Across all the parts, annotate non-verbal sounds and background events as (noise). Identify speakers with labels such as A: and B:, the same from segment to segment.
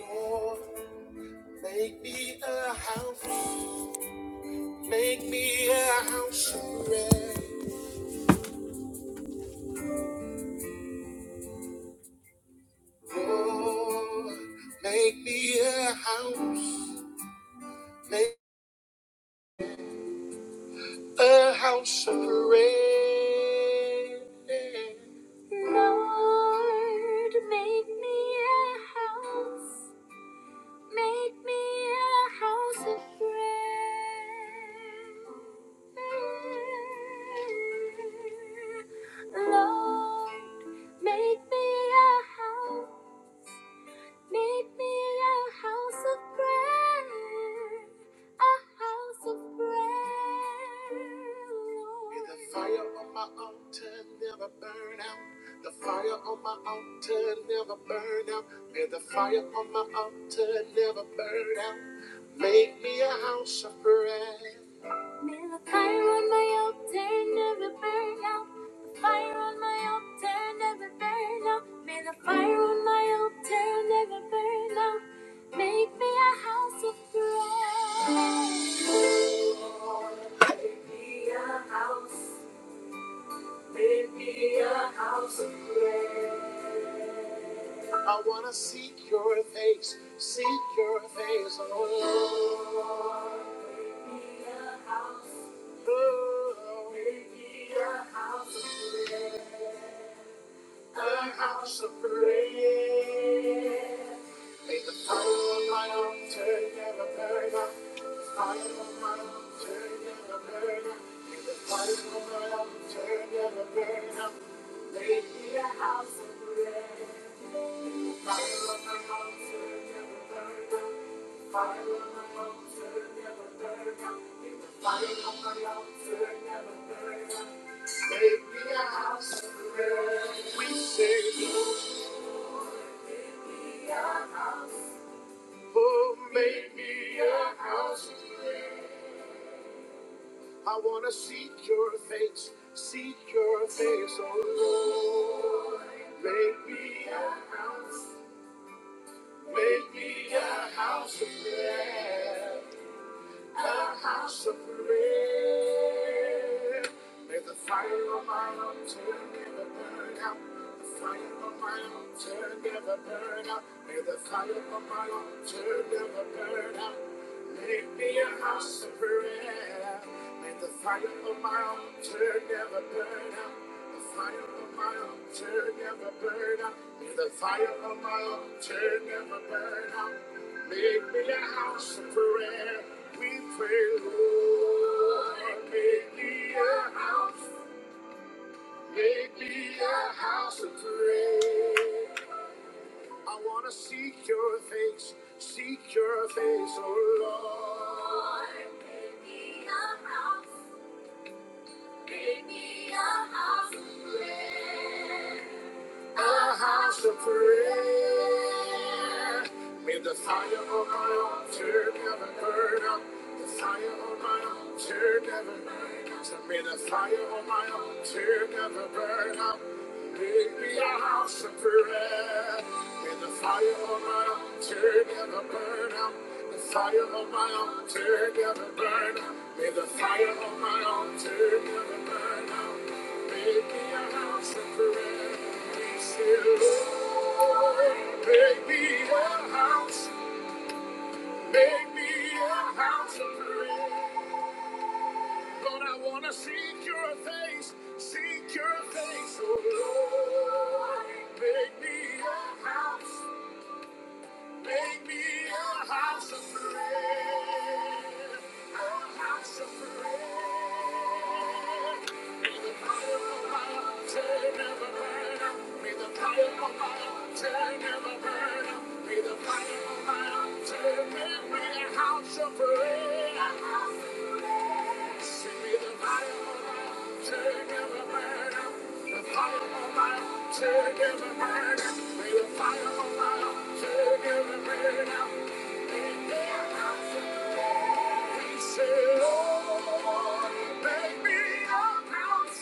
A: Lord, make me a house, make me a house of prayer. Lord, make me a house, make a house of prayer. Lord, make me a house. Make me a house of prayer. Lord, make me a house. Make me a house of prayer, a house of prayer, Lord. May the fire on my altar never burn out. The fire on my altar never burn out. May the fire on my altar never burn out. Make me a house of prayer. May the fire on my altar never burn out. The fire on my altar never burn out. May the fire on my altar never burn out. Make me a house of prayer. Make me a house of prayer. I wanna seek your face, seek your face, oh Lord. Oh. Lord. Make me a house of prayer. May the fire on my altar never burn out. The fire on my altar never burn out. May the fire on my altar never burn out. May it be a house of prayer. May the fire on my altar never burn out. The fire on my altar never burn out. May the fire on my altar never burn out. Make me a house of prayer. We say, oh, make me a house. I wanna seek your face, seek your face, oh Lord. Make me a, make me a house of prayer. a house of prayer. May the fire of my altar never burn out. The fire of my altar never burn out. May the fire of my altar never burn out. Make me a house of prayer. May the fire of my altar never burn out. The fire of my altar never burn out. May the fire of my altar never burn out. Make me a house of prayer. We pray, Lord, make me a house. Make me a house of prayer. I wanna seek your face, seek your face, oh Lord. Make me a house. a house of prayer. May the fire of my altar never burn out. The fire of my altar never burn out. So May the fire of my altar never burn out. Make me a house of prayer. May the fire of my altar never burn out. The fire of my altar never burn out. May the fire of my altar never burn out. Make me a house of friends, dear Lord. Make me a house, make me a house of prayer. Lord, I want to seek your face, seek your face, oh Lord. Make me a house, make me a house of prayer, a house of prayer. Say, Lord, make yeah.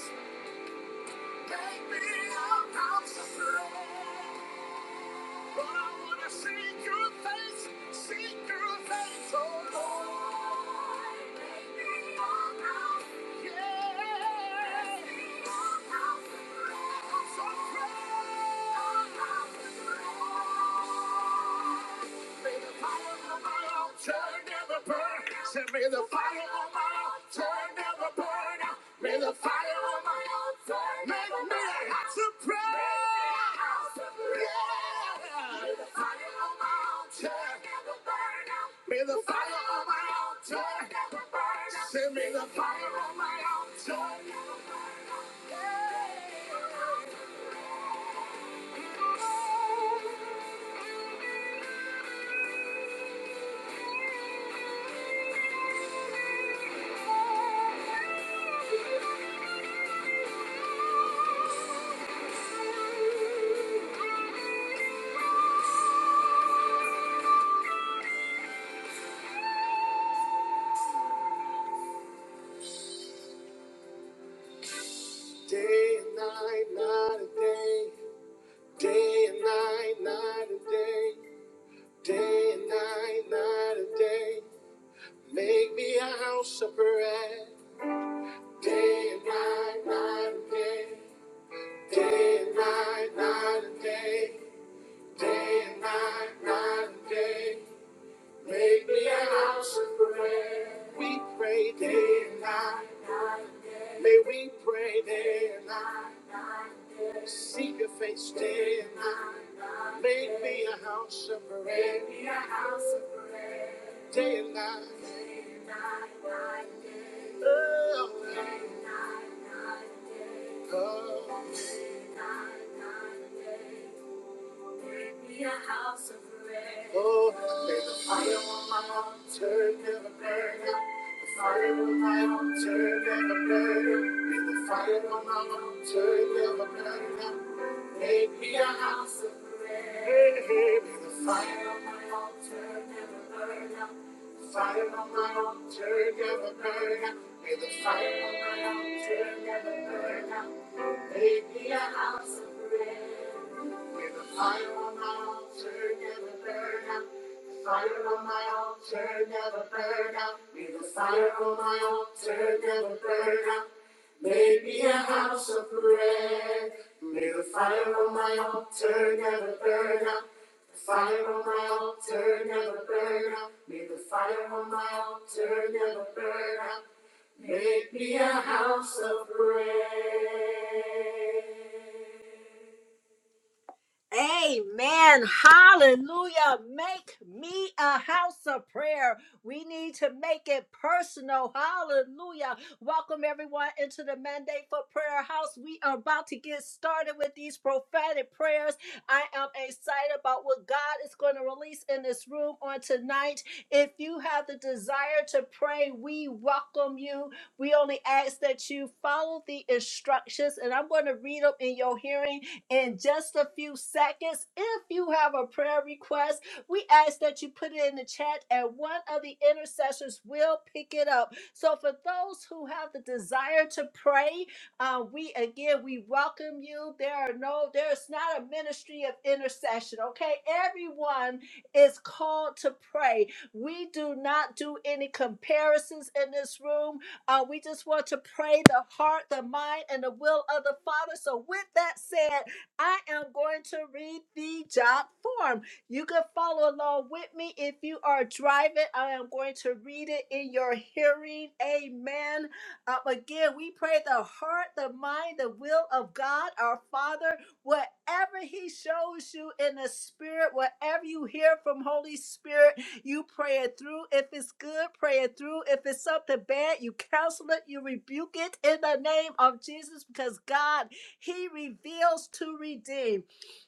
A: May the fire on my altar never burn. Say, may the fire on my altar never burn. out. May the fire on my altar never burn. out. May may I have some prayer. Yeah. May the fire on my altar never burn. out. May the fire on my altar never burn. out. Say, may the fire on my altar never burn. out. Day and night, night and day. Day and night, night and day, day and night, night and day. Make me a house of prayer. Day and night, night and day, day and night, night and day, day and night, night and day. Make me a house of prayer. We pray day and night. May we pray day and night. Seek your face day and night. Make me a house of prayer. Day and night. Oh. Oh, may the fire on my altar never burn out. The fire on my altar never burn out. May the fire on my altar never burn out. Make me a house of prayer. The fire on my altar never burn out. The fire on my altar never burn out. May the fire on my altar never burn out. Make me a house of prayer. May the fire on my altar never burn out. The fire on my altar never burn out. May the fire on my altar never burn out. Amen. Hallelujah. Make me a house of prayer. We need to make it personal. Hallelujah. Welcome everyone into the mandate for prayer house. We are about to get started with these prophetic prayers. I am excited about what God is going to release in this room on tonight. If you have the desire to pray, we welcome you. We only ask that you follow the instructions, and I'm going to read them in your hearing in just a few seconds. If you have a prayer request, we ask that you put it in the chat and one of the intercessors will pick it up. So, for those who have the desire to pray, uh, we again, we welcome you. There are no, there's not a ministry of intercession, okay? Everyone is called to pray. We do not do any comparisons in this room. Uh, we just want to pray the heart, the mind, and the will of the Father. So, with that said, I am going to read the job form. You can follow along with me if you are driving. I am going to read it in your hearing. Amen. Um, again, we pray the heart, the mind, the will of God, our Father, whatever He shows you in the Spirit, whatever you hear from Holy Spirit, you pray it through. If it's good, pray it through. If it's something bad, you counsel it, you rebuke it in the name of Jesus because God he reveals to redeem.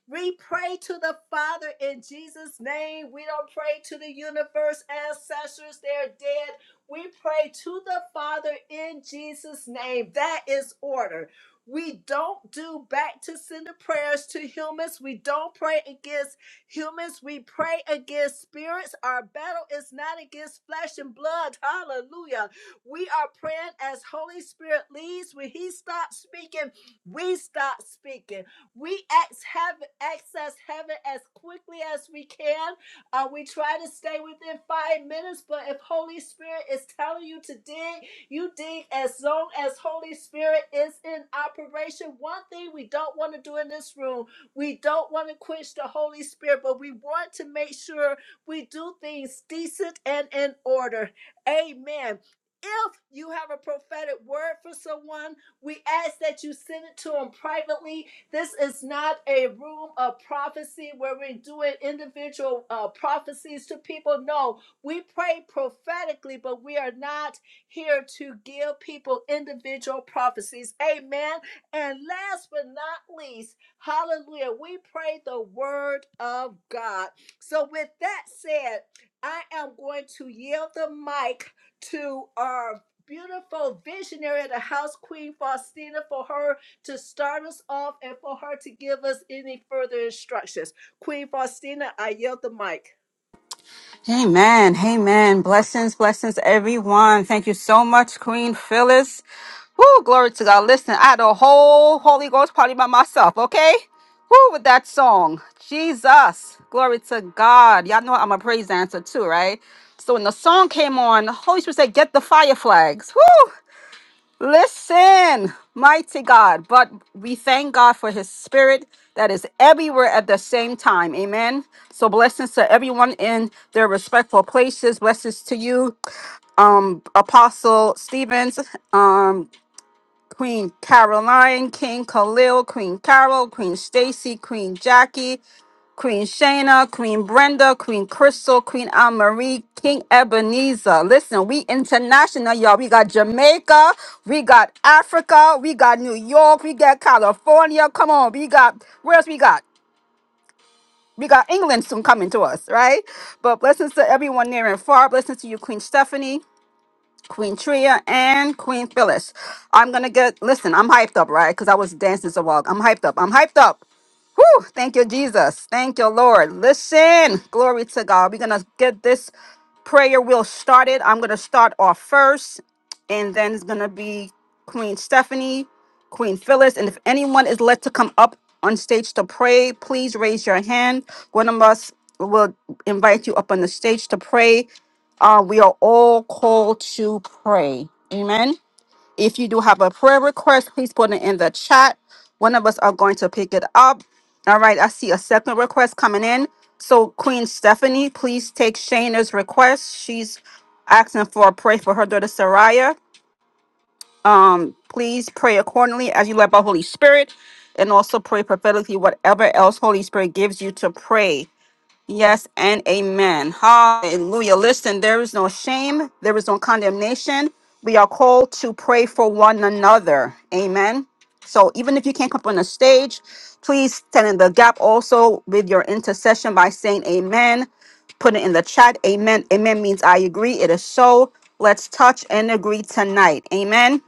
A: We pray to the Father in Jesus' name. We don't pray to the universe, ancestors, they're dead. We pray to the Father in Jesus' name. That is order. We don't do back to sender prayers to humans. We don't pray against humans. We pray against spirits. Our battle is not against flesh and blood. Hallelujah. We are praying as Holy Spirit leads. When He stops speaking, we start speaking. We ex- have access heaven as quickly as we can. Uh, we try to stay within five minutes, but if Holy Spirit is telling you to dig, you dig as long as Holy Spirit is in operation. One thing we don't want to do in this room, we don't want to quench the Holy Spirit, but we want to make sure we do things decent and in order. Amen. If you have a prophetic word for someone, we ask that you send it to them privately. This is not a room of prophecy where we're doing individual uh, prophecies to people. No, we pray prophetically, but we are not here to give people individual prophecies. Amen. And last but not least, hallelujah, we pray the word of God. So, with that said, I am going to yield the mic to our beautiful visionary of the house, Queen Faustina, for her to start us off and for her to give us any further instructions. Queen Faustina, I yield the mic.
B: Amen. Amen. Blessings, blessings, everyone. Thank you so much, Queen Phyllis. Woo, glory to God. Listen, I had a whole Holy Ghost party by myself, okay? Woo, with that song. Jesus. Glory to God. Y'all know I'm a praise dancer too, right? So when the song came on, Holy Spirit said, get the fire flags. Woo! Listen, mighty God, but we thank God for his spirit that is everywhere at the same time. Amen. So blessings to everyone in their respectful places. Blessings to you, um, Apostle Stevens, um, Queen Caroline, King Khalil, Queen Carol, Queen Stacy, Queen Jackie, Queen Shayna, Queen Brenda, Queen Crystal, Queen Anne Marie, King Ebenezer. Listen, we international, y'all. We got Jamaica, we got Africa, we got New York, we got California. Come on, we got where else we got? We got England soon coming to us, right? But blessings to everyone near and far. Blessings to you, Queen Stephanie. Queen Tria and Queen Phyllis. I'm gonna get listen, I'm hyped up, right? Because I was dancing so long. I'm hyped up. I'm hyped up. Whew, thank you, Jesus. Thank you, Lord. Listen, glory to God. We're going to get this prayer wheel started. I'm going to start off first, and then it's going to be Queen Stephanie, Queen Phyllis. And if anyone is led to come up on stage to pray, please raise your hand. One of us will invite you up on the stage to pray. Uh, we are all called to pray. Amen. If you do have a prayer request, please put it in the chat. One of us are going to pick it up. All right, I see a second request coming in. So, Queen Stephanie, please take Shayna's request. She's asking for a pray for her daughter Saraya. Um, please pray accordingly as you led by Holy Spirit, and also pray prophetically whatever else Holy Spirit gives you to pray. Yes and amen. Hallelujah. Listen, there is no shame, there is no condemnation. We are called to pray for one another. Amen. So even if you can't come up on the stage, please stand in the gap also with your intercession by saying amen. Put it in the chat. Amen. Amen means I agree. It is so. Let's touch and agree tonight. Amen.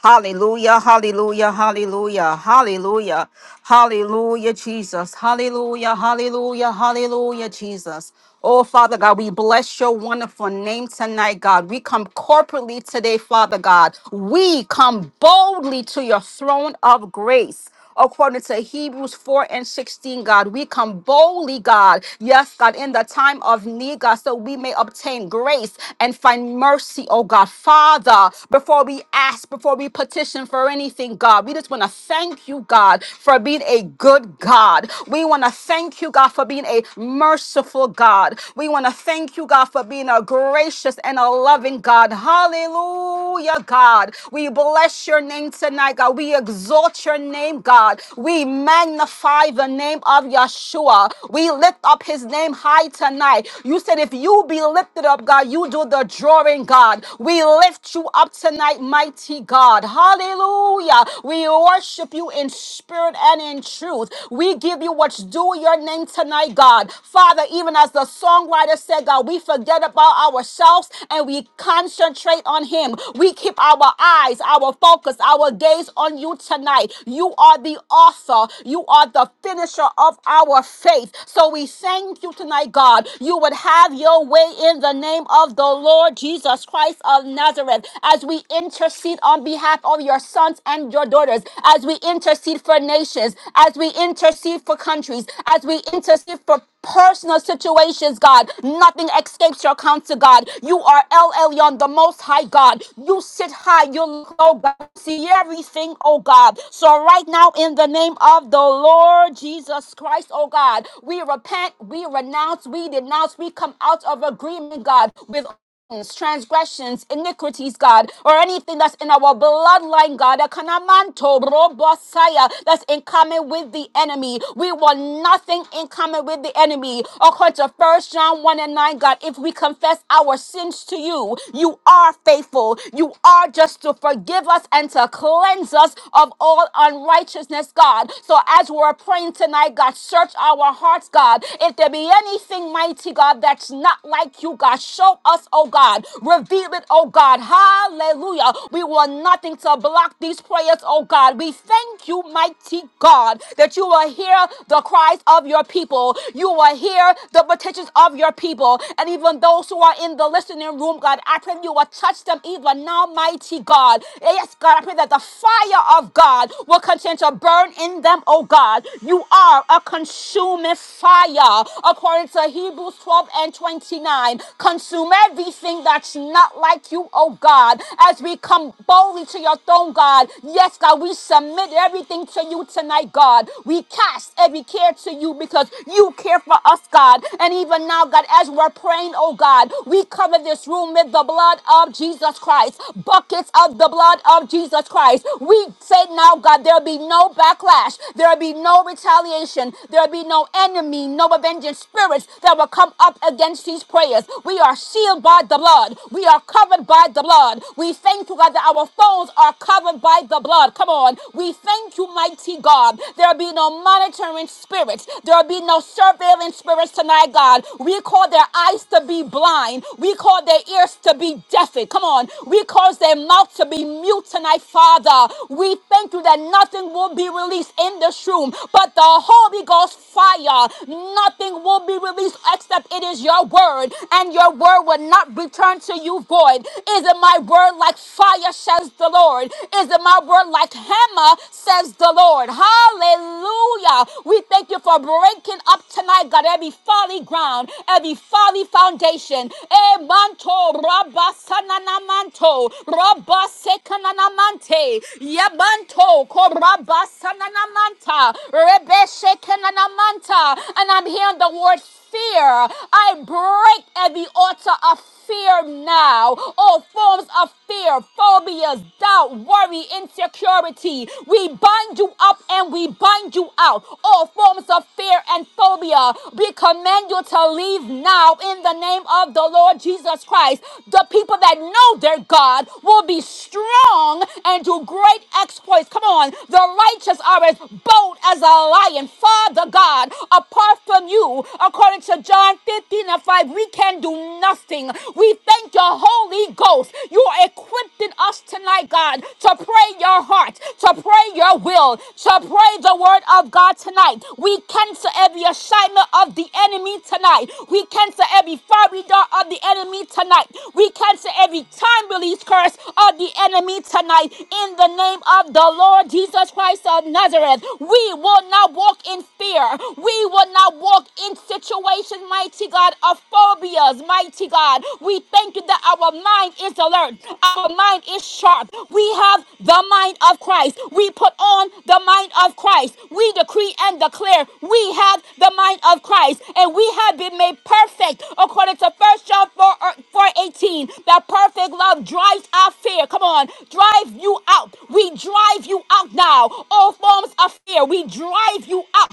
B: Hallelujah, hallelujah, hallelujah, hallelujah, hallelujah, Jesus. Hallelujah, hallelujah, hallelujah, Jesus. Oh, Father God, we bless your wonderful name tonight, God. We come corporately today, Father God. We come boldly to your throne of grace according to Hebrews 4 and 16, God. We come boldly, God, yes, God, in the time of need, God, so we may obtain grace and find mercy, oh God. Father, before we ask, before we petition for anything, God, we just want to thank you, God, for being a good God. We want to thank you, God, for being a merciful God. We want to thank you, God, for being a gracious and a loving God. Hallelujah, God. We bless your name tonight, God. We exalt exalt your name, God. We magnify the name of Yeshua. We lift up his name high tonight. You said, if you be lifted up, God, you do the drawing, God. We lift you up tonight, mighty God. Hallelujah. We worship you in spirit and in truth. We give you what's due your name tonight, God. Father, even as the songwriter said, God, we forget about ourselves and we concentrate on him. We keep our eyes, our focus, our gaze eyes on you tonight. You are the author, you are the finisher of our faith. So we thank you tonight, God. You would have your way in the name of the Lord Jesus Christ of Nazareth as we intercede on behalf of your sons and your daughters, as we intercede for nations, as we intercede for countries, as we intercede for personal situations, God. Nothing escapes your counsel, God. You are El Elyon, the Most High God. You sit high, you look low, God. You See everything, oh God. So right now, in the name of the Lord Jesus Christ, oh God, we repent, we renounce, we denounce, we come out of agreement, God, with transgressions, iniquities, God, or anything that's in our bloodline, God, a kanamanto robosaya, that's in common with the enemy. We want nothing in common with the enemy. According to First John 1 and 9, God, if we confess our sins to you, you are faithful. You are just to forgive us and to cleanse us of all unrighteousness, God. So as we're praying tonight, God, search our hearts, God. If there be anything mighty, God, that's not like like you, God. Show us, oh God. Reveal it, oh God. Hallelujah. We want nothing to block these prayers, oh God. We thank you, mighty God, that you will hear the cries of your people. You will hear the petitions of your people. And even those who are in the listening room, God, I pray you will touch them even now, mighty God. Yes, God, I pray that the fire of God will continue to burn in them, oh God. You are a consuming fire, according to Hebrews. Hebrews 12 and 29. Consume everything that's not like you, oh God, as we come boldly to your throne, God. Yes, God, we submit everything to you tonight, God. We cast every care to you because you care for us, God. And even now, God, as we're praying, oh God, we cover this room with the blood of Jesus Christ, buckets of the blood of Jesus Christ. We say now, God, there'll be no backlash, there'll be no retaliation, there'll be no enemy enemy, no avenging spirits that will come up against these prayers. We are sealed by the blood. We are covered by the blood. We thank you, God, that our phones are covered by the blood. Come on. We thank you, mighty God. There'll be no monitoring spirits. There'll be no surveilling spirits tonight, God. We call their eyes to be blind. We call their ears to be deafened. Come on. We cause their mouth to be mute tonight, Father. We thank you that nothing will be released in this room, but the whole. Holy Ghost fire. Nothing will be released except it is your word, and your word will not return to you void. Is it my word like fire, says the Lord? Is it my word like hammer, says the Lord? Hallelujah. We thank you for breaking up tonight, God, every folly ground, every folly foundation. Eh, manto, rabba, sanana, manto, rabba, sekanana, mante, yabanto, korabba, sanana, manta, rebe shekinana manta, and I'm hearing the word fear. I break every altar of fear now. All forms of fear, phobias, doubt, worry, insecurity. We bind you up and we bind you out. All forms of fear and phobia. We command you to leave now in the name of the Lord Jesus Christ. The people that know their God will be strong and do great exploits. Come on on. The righteous are as bold as a lion. Father God, apart from you, according to John 15 and 5, we can do nothing. We thank your Holy Ghost. You are equipping us tonight, God, to pray your heart, to pray your will, to pray the word of God tonight. We cancel every assignment of the enemy tonight. We cancel every fiery dart of the enemy tonight. We cancel every time release curse of the enemy tonight in the name of the Lord Jesus Christ of Nazareth. We will not walk in fear. We will not walk in situations, mighty God, of phobias, mighty God. We thank you that our mind is alert, our mind is sharp. We have the mind of Christ. We put on the mind of Christ. We decree and declare we have the mind of Christ, and we have been made perfect according to First John 4, uh, 4 18. That perfect love drives out fear fear. Come on, drive you out. We drive you out now. All forms of fear, we drive you out.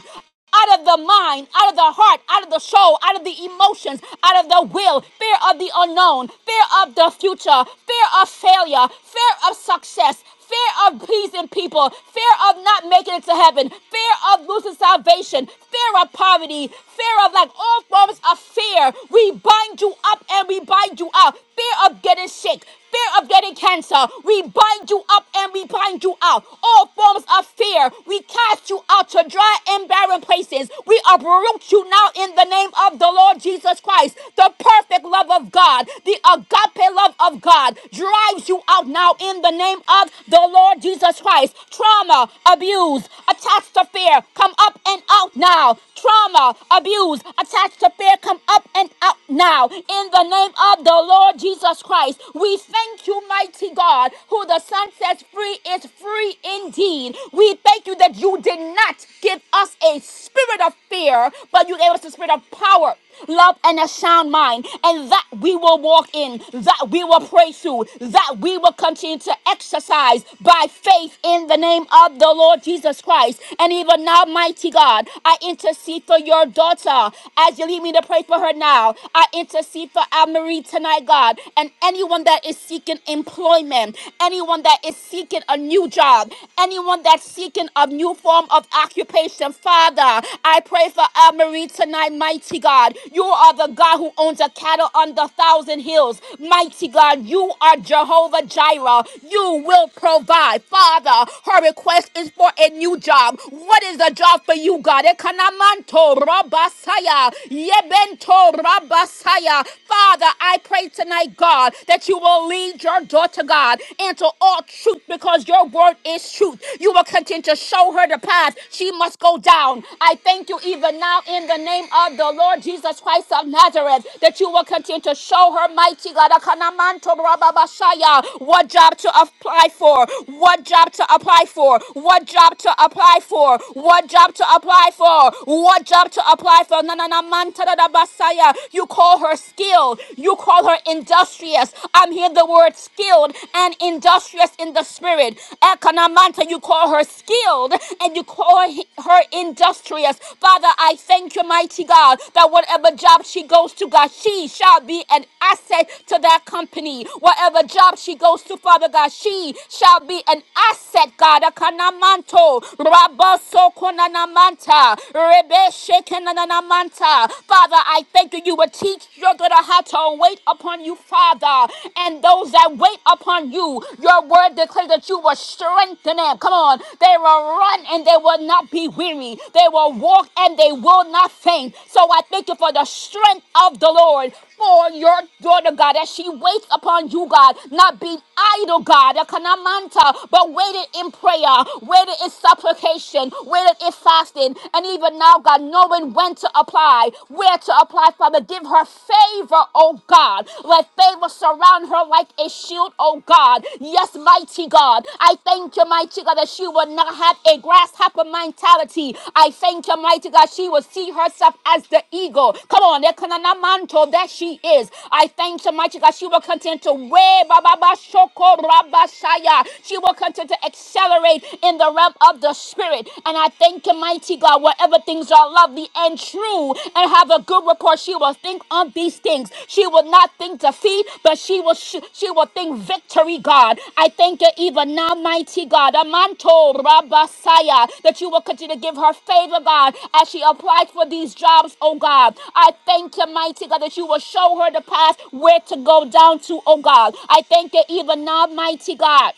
B: Out of the mind, out of the heart, out of the soul, out of the emotions, out of the will, fear of the unknown, fear of the future, fear of failure, fear of success, fear of pleasing people, fear of not making it to heaven, fear of losing salvation, fear of poverty, fear of like all forms of fear. We bind you up and we bind you out. Fear of getting sick, fear of getting cancer. We bind you up and we bind you out. All forms of fear, we cast you out to dry and barren places. We uproot you now in the name of the Lord Jesus Christ. The perfect love of God, the agape love of God, drives you out now in the name of the Lord Jesus Christ, trauma, abuse, attached to fear, come up and out now. Trauma, abuse, attached to fear, come up and out now. In the name of the Lord Jesus Christ, we thank you, mighty God, who the Son sets free is free indeed. We thank you that you did not give us a spirit of fear, but you gave us a spirit of power love, and a sound mind, and that we will walk in, that we will pray through, that we will continue to exercise by faith in the name of the Lord Jesus Christ. And even now, mighty God, I intercede for your daughter as you lead me to pray for her now. I intercede for Marie tonight, God, and anyone that is seeking employment, anyone that is seeking a new job, anyone that's seeking a new form of occupation. Father, I pray for Anne Marie tonight, mighty God. You are the God who owns the cattle on the thousand hills. Mighty God, you are Jehovah Jireh. You will provide. Father, her request is for a new job. What is the job for you, God? Ekanamanto rabasaya, yebento rabasaya. Father, I pray tonight, God, that you will lead your daughter, God, into all truth because your word is this truth. You will continue to show her the path. She must go down. I thank you even now in the name of the Lord Jesus Christ of Nazareth that you will continue to show her mighty God Akanamanto Rababashaya, what job to apply for, what job to apply for, what job to apply for, what job to apply for, what job to apply for. Nananamantadabasaya. You call her skilled, you call her industrious. I'm hearing the word skilled and industrious in the spirit. Ekanamanta, you call her skilled and you call he- her industrious. Father, I thank you, mighty God, that whatever job she goes to, God, she shall be an asset to that company. Whatever job she goes to, Father God, she shall be an asset, God. Akanamanto, rabaso konanamanta, rebe shekenanamanta. Father, I thank you. You will teach your daughter that are how to wait upon you, Father, and those that wait upon you. Your word declares that you will strengthen them. Come on. They will run and they will not be weary. They will walk and they will not faint. So I thank you for the strength of the Lord for your daughter, God, as she waits upon you, God, not being idle, God, Akanamanta, but waited in prayer, waited in supplication, waited in fasting, and even now, God, knowing when to apply, where to apply, Father. Give her favor, oh God. Let favor surround her like a shield, oh God. Yes, mighty God. I thank you, mighty God, that she will not have a grasshopper mentality. I thank you, mighty God, she will see herself as the eagle. Come on, Ekananamanto, that she is. I thank you, mighty God, she will continue to wear Baba Shoko Rabashaya. She will continue to accelerate in the realm of the spirit Spirit. And I thank you, mighty God, whatever things are lovely and true and have a good report, she will think on these things. She will not think defeat, but she will sh- she will think victory, God. I thank you even now, mighty God. Amanto Rabasaya, that you will continue to give her favor, God, as she applies for these jobs, oh God. I thank you, mighty God, that you will show her the path where to go down to, oh God. I thank you even now, mighty God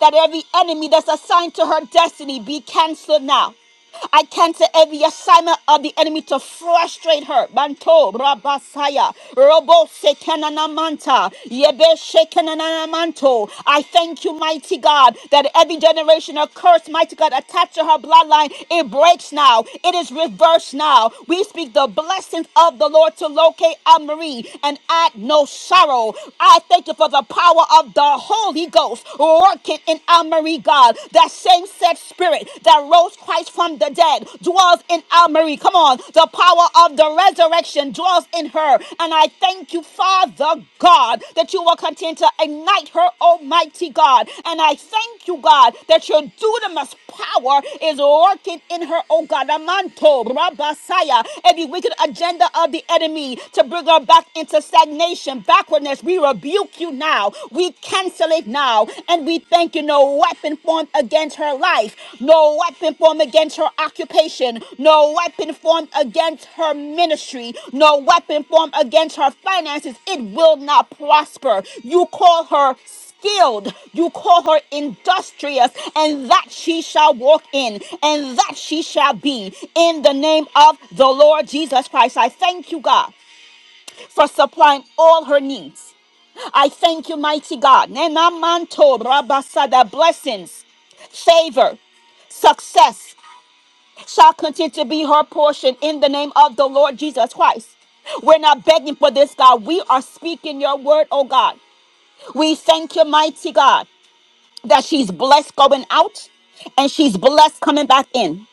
B: that every enemy that's assigned to her destiny be canceled now. I cancel every assignment of the enemy to frustrate her. Banto, Rabasaya, Robo, Sekenanamanta, Yebe, Shekenanamanto. I thank you, mighty God, that every generational curse, mighty God, attached to her bloodline, it breaks now. It is reversed now. We speak the blessings of the Lord to locate Anne Marie and add no sorrow. I thank you for the power power of the Holy Ghost working in Almery, God. That same said spirit that rose Christ from the dead dwells in Almery. Come on. The power of the resurrection dwells in her. And I thank you, Father God, that you will continue to ignite her, Almighty God. And I thank you, God, that your dunamis power is working in her, oh God. Amanto, Rabasaya, every wicked agenda of the enemy to bring her back into stagnation, backwardness, we rebuke you now. We cancel it now. And we thank you. No weapon formed against her life, no weapon formed against her occupation, no weapon formed against her ministry, no weapon formed against her finances. It will not prosper. You call her skilled. You call her industrious, and that she shall walk in, and that she shall be. In the name of the Lord Jesus Christ, I thank you, God, for supplying all her needs. I thank you, mighty God. Nenamanto rabasada blessings, favor, success shall continue to be her portion in the name of the Lord Jesus Christ. We're not begging for this, God. We are speaking your word, oh God. We thank you, mighty God that she's blessed going out and she's blessed coming back in.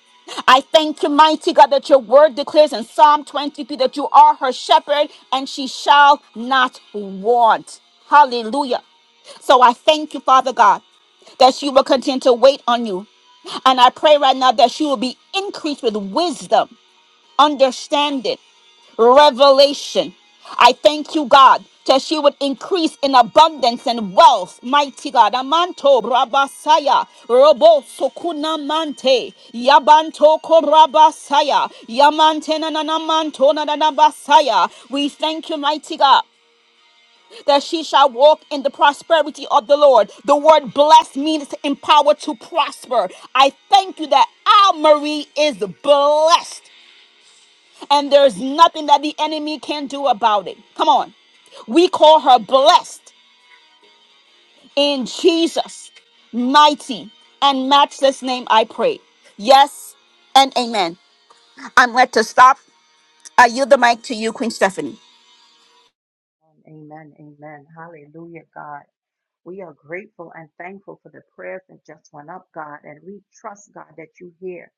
B: I thank you, mighty God, that your word declares in Psalm 23 that you are her shepherd and she shall not want. Hallelujah. So I thank you, Father God, that she will continue to wait on you. And I pray right now that she will be increased with wisdom understanding, revelation. I thank you, God, that she would increase in abundance and wealth. Mighty God, Amanto Rabasaya, Robo Sokuna Mante, Yabanto Korabasaya, Yamante Nanamanto Nanabasaya. We thank you, mighty God. That she shall walk in the prosperity of the Lord. The word blessed means to empower to prosper. I thank you that our Marie is blessed and there's nothing that the enemy can do about it. Come on. We call her blessed in Jesus' mighty and matchless name, I pray. Yes and amen. I'm led to stop. I yield the mic to you, Queen Stephanie.
C: Amen. Amen. Hallelujah, God. We are grateful and thankful for the prayers that just went up, God. And we trust, God, that you hear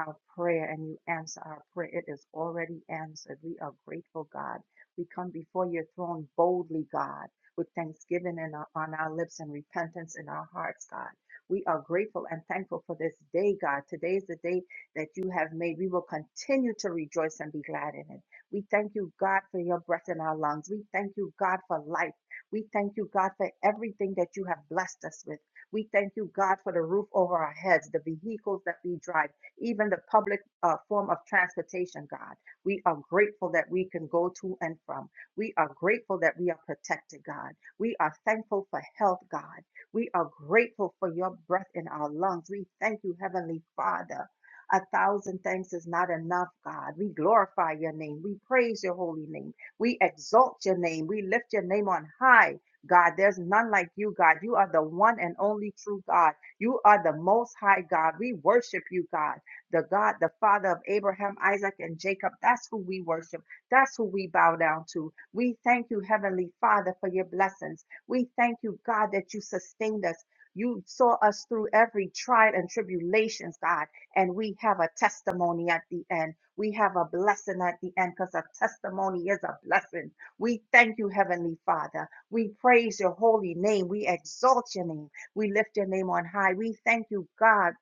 C: our prayer and you answer our prayer. It is already answered. We are grateful, God. We come before your throne boldly, God, with thanksgiving in our, on our lips and repentance in our hearts, God. We are grateful and thankful for this day, God. Today is the day that you have made. We will continue to rejoice and be glad in it. We thank you, God, for your breath in our lungs. We thank you, God, for life. We thank you, God, for everything that you have blessed us with. We thank you, God, for the roof over our heads, the vehicles that we drive, even the public uh, form of transportation, God. We are grateful that we can go to and from. We are grateful that we are protected, God. We are thankful for health, God. We are grateful for your breath in our lungs. We thank you, Heavenly Father. A thousand thanks is not enough, God. We glorify your name. We praise your holy name. We exalt your name. We lift your name on high. God, there's none like you, God. You are the one and only true God. You are the most high God. We worship you, God. The God, the Father of Abraham, Isaac, and Jacob. That's who we worship. That's who we bow down to. We thank you, Heavenly Father, for your blessings. We thank you, God, that you sustained us. You saw us through every trial and tribulations, God, and we have a testimony at the end. We have a blessing at the end because a testimony is a blessing. We thank you, Heavenly Father. We praise your holy name. We exalt your name. We lift your name on high. We thank you, God,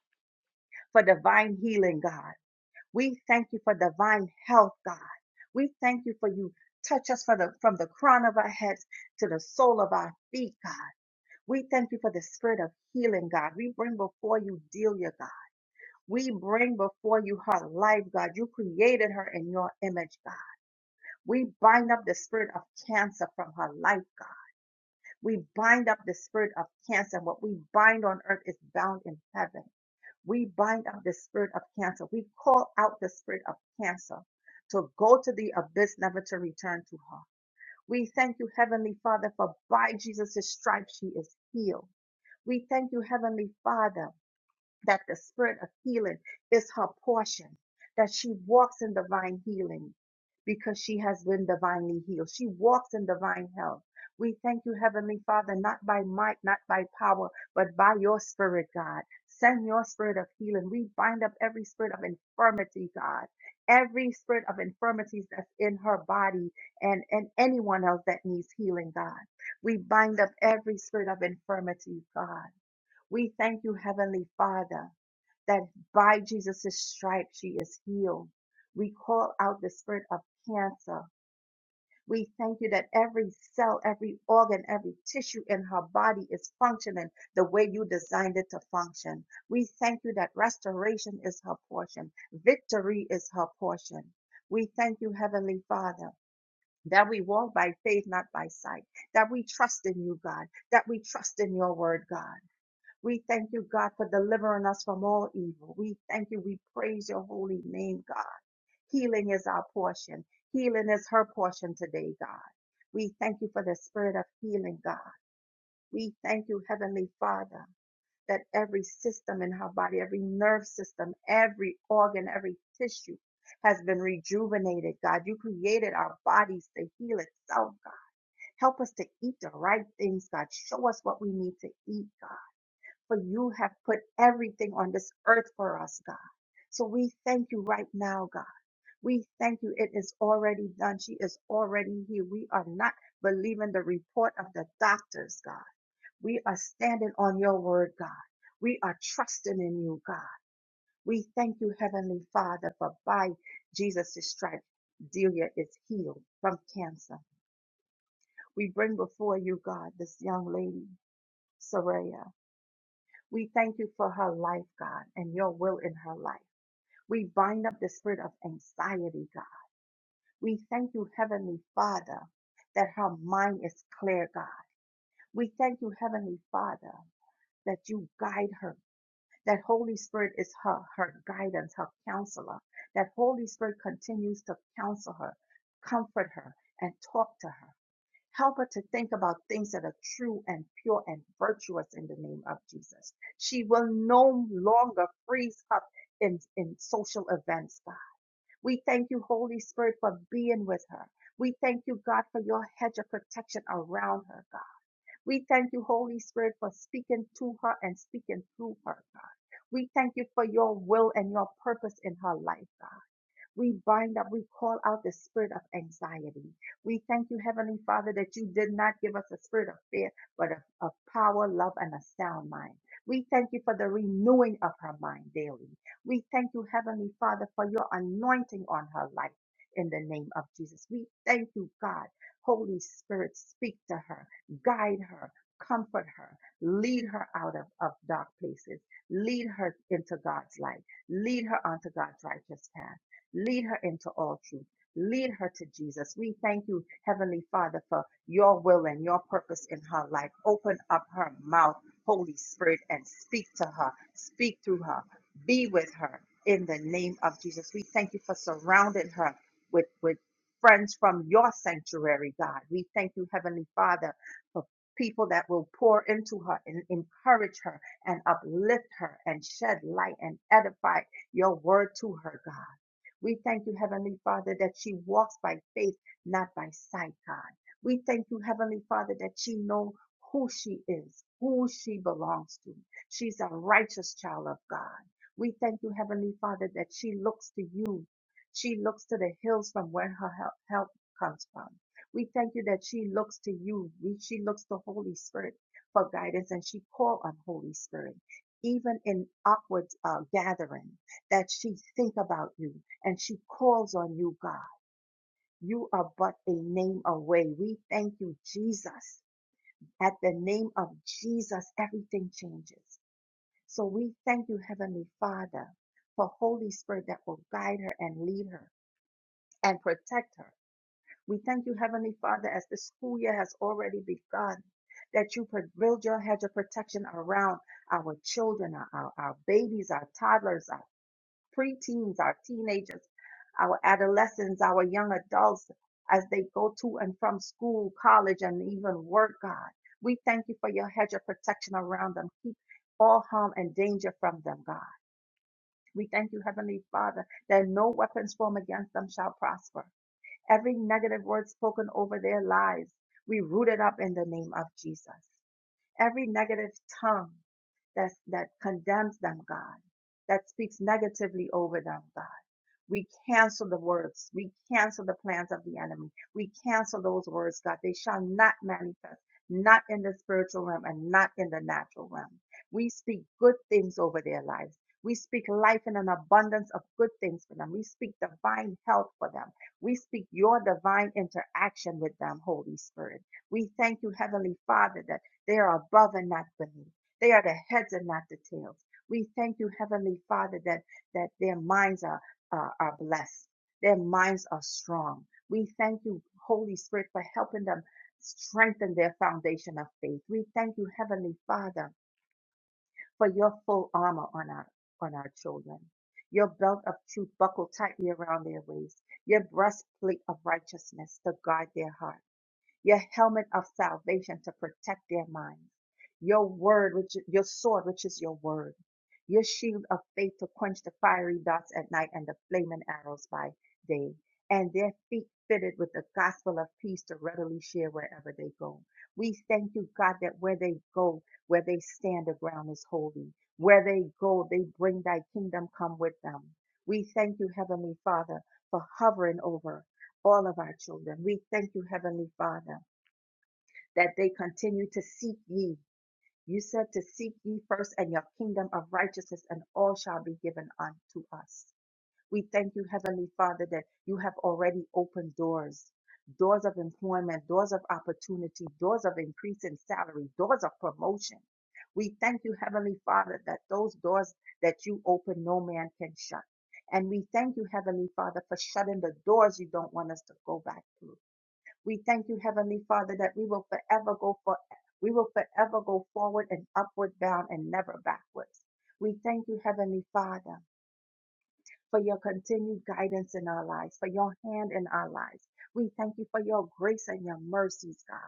C: for divine healing, God. We thank you for divine health, God. We thank you for you touch us for the, from the crown of our heads to the sole of our feet, God. We thank you for the spirit of healing, God. We bring before you Delia, God. We bring before you her life, God. You created her in your image, God. We bind up the spirit of cancer from her life, God. We bind up the spirit of cancer. and What we bind on earth is bound in heaven. We bind up the spirit of cancer. We call out the spirit of cancer to go to the abyss, never to return to her. We thank you, Heavenly Father, for by Jesus' stripes she is healed. We thank you, Heavenly Father that the spirit of healing is her portion, that she walks in divine healing because she has been divinely healed. She walks in divine health. We thank you, Heavenly Father, not by might, not by power, but by your spirit, God. Send your spirit of healing. We bind up every spirit of infirmity, God. Every spirit of infirmities that's in her body and, and anyone else that needs healing, God. We bind up every spirit of infirmity, God we thank you, Heavenly Father, that by Jesus' stripes she is healed. We call out the spirit of cancer. We thank you that every cell, every organ, every tissue in her body is functioning the way you designed it to function. We thank you that restoration is her portion, victory is her portion. We thank you, Heavenly Father. That we walk by faith, not by sight. That we trust in you, God. That we trust in your word, God. We thank you, God, for delivering us from all evil. We thank you. We praise your holy name, God. Healing is our portion. Healing is her portion today, God. We thank you for the spirit of healing, God. We thank you, Heavenly Father, that every system in her body, every nerve system, every organ, every tissue has been rejuvenated, God. You created our bodies to heal itself, God. Help us to eat the right things, God. Show us what we need to eat, God for you have put everything on this earth for us, God. So we thank you right now, God. We thank you. It is already done. She is already here. We are not believing the report of the doctors, God. We are standing on your word, God. We are trusting in you, God. We thank you, Heavenly Father, for by Jesus' stripes, Delia is healed from cancer. We bring before you, God, this young lady, Soraya. We thank you for her life, God, and your will in her life. We bind up the spirit of anxiety, God. We thank you, Heavenly Father, that her mind is clear, God. We thank you, Heavenly Father, that you guide her. That Holy Spirit is her, her guidance, her counselor. That Holy Spirit continues to counsel her, comfort her, and talk to her. Help her to think about things that are true and pure and virtuous in the name of Jesus. She will no longer freeze up in, in social events, God. We thank you, Holy Spirit, for being with her. We thank you, God, for your hedge of protection around her, God. We thank you, Holy Spirit, for speaking to her and speaking through her, God. We thank you for your will and your purpose in her life, God. We bind up, we call out the spirit of anxiety. We thank you, Heavenly Father, that you did not give us a spirit of fear, but of, of power, love, and a sound mind. We thank you for the renewing of her mind daily. We thank you, Heavenly Father, for your anointing on her life in the name of Jesus. We thank you, God. Holy Spirit, speak to her, guide her, comfort her, lead her out of, of dark places, lead her into God's light, lead her onto God's righteous path. Lead her into all truth. Lead her to Jesus. We thank you, Heavenly Father, for your will and your purpose in her life. Open up her mouth, Holy Spirit, and speak to her. Speak through her. Be with her in the name of Jesus. We thank you for surrounding her with, with friends from your sanctuary, God. We thank you, Heavenly Father, for people that will pour into her and encourage her and uplift her and shed light and edify your word to her, God. We thank you, Heavenly Father, that she walks by faith, not by sight, God. We thank you, Heavenly Father, that she knows who she is, who she belongs to. She's a righteous child of God. We thank you, Heavenly Father, that she looks to you. She looks to the hills from where her help, help comes from. We thank you that she looks to you. We, she looks to Holy Spirit for guidance and she calls on Holy Spirit, even in awkward uh, gatherings that she think about you and she calls on you, God. You are but a name away. We thank you, Jesus. At the name of Jesus, everything changes. So we thank you, Heavenly Father, for Holy Spirit that will guide her and lead her and protect her. We thank you, Heavenly Father, as the school year has already begun, that you pro- build your hedge of protection around our children, our, our our babies, our toddlers, our. preteens, our teenagers, our adolescents, our young adults as they go to and from school, college, and even work, God. We thank you for your hedge of protection around them. Keep all harm and danger from them, God. We thank you, Heavenly Father, that no weapons formed against them shall prosper. Every negative word spoken over their lives, we root it up in the name of Jesus. Every negative tongue that that condemns them, God, that speaks negatively over them, God. We cancel the words. We cancel the plans of the enemy. We cancel those words, God. They shall not manifest, not in the spiritual realm and not in the natural realm. We speak good things over their lives. We speak life in an abundance of good things for them. We speak divine health for them. We speak your divine interaction with them, Holy Spirit. We thank you, Heavenly Father, that they are above and not beneath. They are the heads and not the tails. We thank you, Heavenly Father, that, that their minds are uh, are blessed. Their minds are strong. We thank you, Holy Spirit, for helping them strengthen their foundation of faith. We thank you, Heavenly Father, for your full armor on our, on our children. Your belt of truth buckled tightly around their waist, your breastplate of righteousness to guard their heart your helmet of salvation to protect their minds, your word, which your sword, which is your word, your shield of faith to quench the fiery darts at night and the flaming arrows by day, and their feet fitted with the gospel of peace to readily share wherever they go. We thank you, God, that where they go, where they stand, the ground is holy. Where they go, they bring thy kingdom come with them. We thank you, Heavenly Father, for hovering over all of our children. We thank you, Heavenly Father that they continue to seek ye. You said to seek ye first and your kingdom of righteousness, and all shall be given unto us. We thank you, Heavenly Father, that you have already opened doors doors of employment, doors of opportunity, doors of increase in salary, doors of promotion. We thank you, Heavenly Father, that those doors that you open, no man can shut. And we thank you, Heavenly Father, for shutting the doors you don't want us to go back through. We thank you, Heavenly Father, that we will forever go for we will forever go forward and upward bound and never backwards. We thank you, Heavenly Father for your continued guidance in our lives, for your hand in our lives. We thank you for your grace and your mercies, God.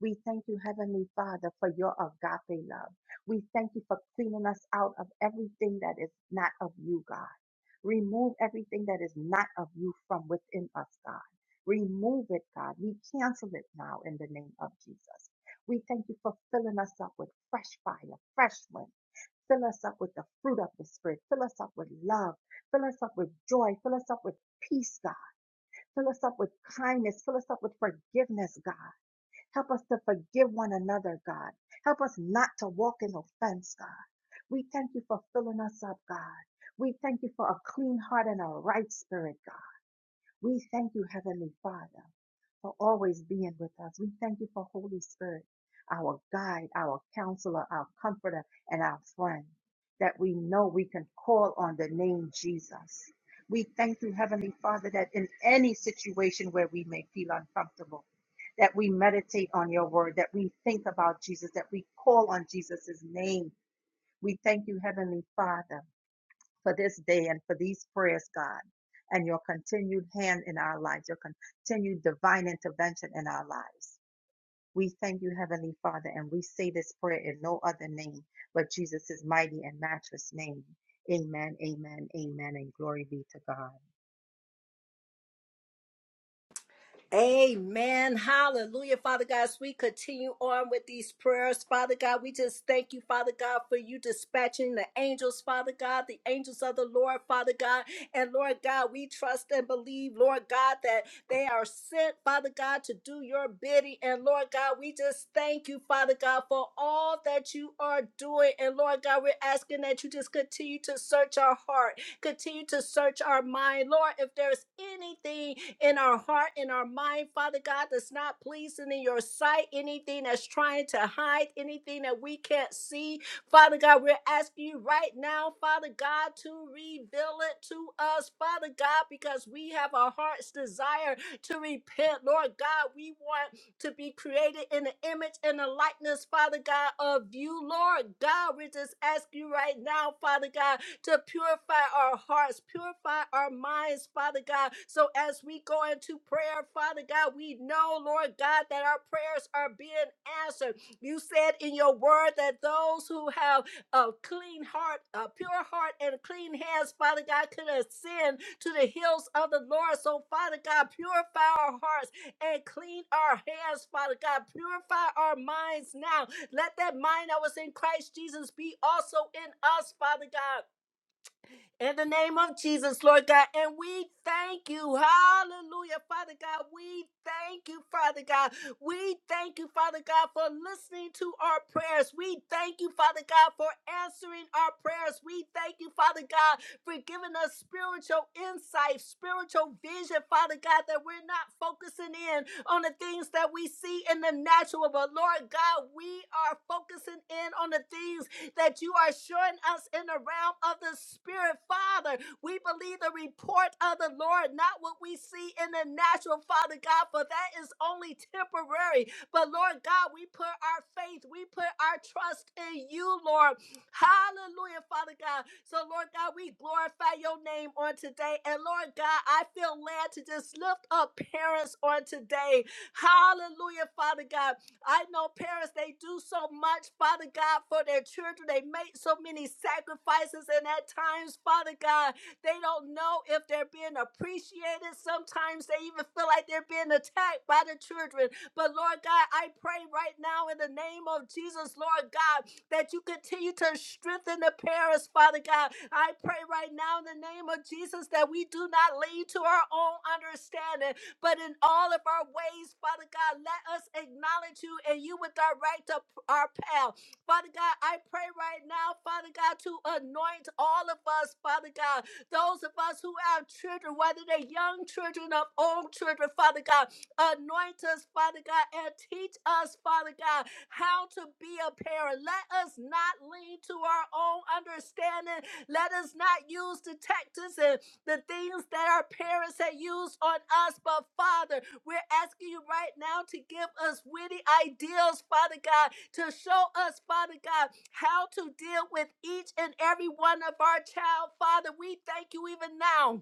C: We thank you, Heavenly Father, for your agape love. We thank you for cleaning us out of everything that is not of you, God. Remove everything that is not of you from within us, God. Remove it, God. We cancel it now in the name of Jesus. We thank you for filling us up with fresh fire, fresh wind Fill us up with the fruit of the Spirit. Fill us up with love. Fill us up with joy. Fill us up with peace, God. Fill us up with kindness. Fill us up with forgiveness, God. Help us to forgive one another, God. Help us not to walk in offense, God. We thank you for filling us up, God. We thank you for a clean heart and a right spirit, God. We thank you, Heavenly Father for always being with us. We thank you for Holy Spirit, our guide, our counselor, our comforter, and our friend, that we know we can call on the name Jesus. We thank you, Heavenly Father, that in any situation where we may feel uncomfortable, that we meditate on your word, that we think about Jesus, that we call on Jesus' name. We thank you, Heavenly Father for this day and for these prayers, God, and your continued hand in our lives, your continued divine intervention in our lives. We thank you, Heavenly Father, and we say this prayer in no other name but Jesus' mighty and matchless name. Amen, amen, amen, and glory be to God.
A: Amen. Hallelujah. Father God, as we continue on with these prayers, Father God, we just thank you, Father God, for you dispatching the angels, Father God, the angels of the Lord, Father God. And Lord God, we trust and believe, Lord God, that they are sent, Father God, to do your bidding. And Lord God, we just thank you, Father God, for all that you are doing. And Lord God, we're asking that you just continue to search our heart, continue to search our mind. Lord, if there's anything in our heart, in our mind, Father God, that's not pleasing in your sight, anything that's trying to hide, anything that we can't see, Father God, we're asking you right now, Father God, to reveal it to us, Father God, because we have our heart's desire to repent. Lord God, we want to be created in the image and the likeness, Father God, of you, Lord God. We just ask you right now, Father God, to purify our hearts, purify our minds, Father God. So as we go into prayer, Father God, we know, Lord God, that our prayers are being answered. You said in your word that those who have a clean heart, a pure heart, and clean hands, Father God, can ascend to the hills of the Lord. So, Father God, purify our hearts and clean our hands, Father God. Purify our minds now. Let that mind that was in Christ Jesus be also in us, Father God. In the name of Jesus, Lord God, and we thank you. Hallelujah, Father God. We thank you, Father God. We thank you, Father God, for listening to our prayers. We thank you, Father God, for answering our prayers. We thank you, Father God, for giving us spiritual insight, spiritual vision, Father God, that we're not focusing in on the things that we see in the natural, but Lord God, we are focusing in on the things that you are showing us in the realm of the Spirit, Father. We believe the report of the Lord, not what we see in the natural, Father God, for that is only temporary. But Lord God, we put our faith, we put our trust in you, Lord. Hallelujah, Father God. So, Lord God, we glorify your name on today. And Lord God, I feel led to just lift up parents on today. Hallelujah, Father God. I know parents, they do so much, Father God, for their children. They make so many sacrifices, and at times, Father God, they don't know if they're being appreciated. Sometimes they even feel like they're being attacked by the children. But Lord God, I pray right now in the name of Jesus, Lord God, that you continue to strengthen the parents, Father God. I pray right now in the name of Jesus that we do not lean to our own understanding, but in all of our ways, Father God, let us acknowledge you and you would direct our our path. Father God, I pray right now, Father God, to anoint all of us, Father God, those of us who have children, whether they're young children or old children, Father God, anoint us, Father God, and teach us, Father God, how to be a parent. Let us not lean to our own understanding. Let us not use the tactics and the things that our parents had used on us. But Father, we're asking you right now to give us witty ideas, Father God, to show us, Father God, how to deal with each and every one of our child. Father, we thank you even now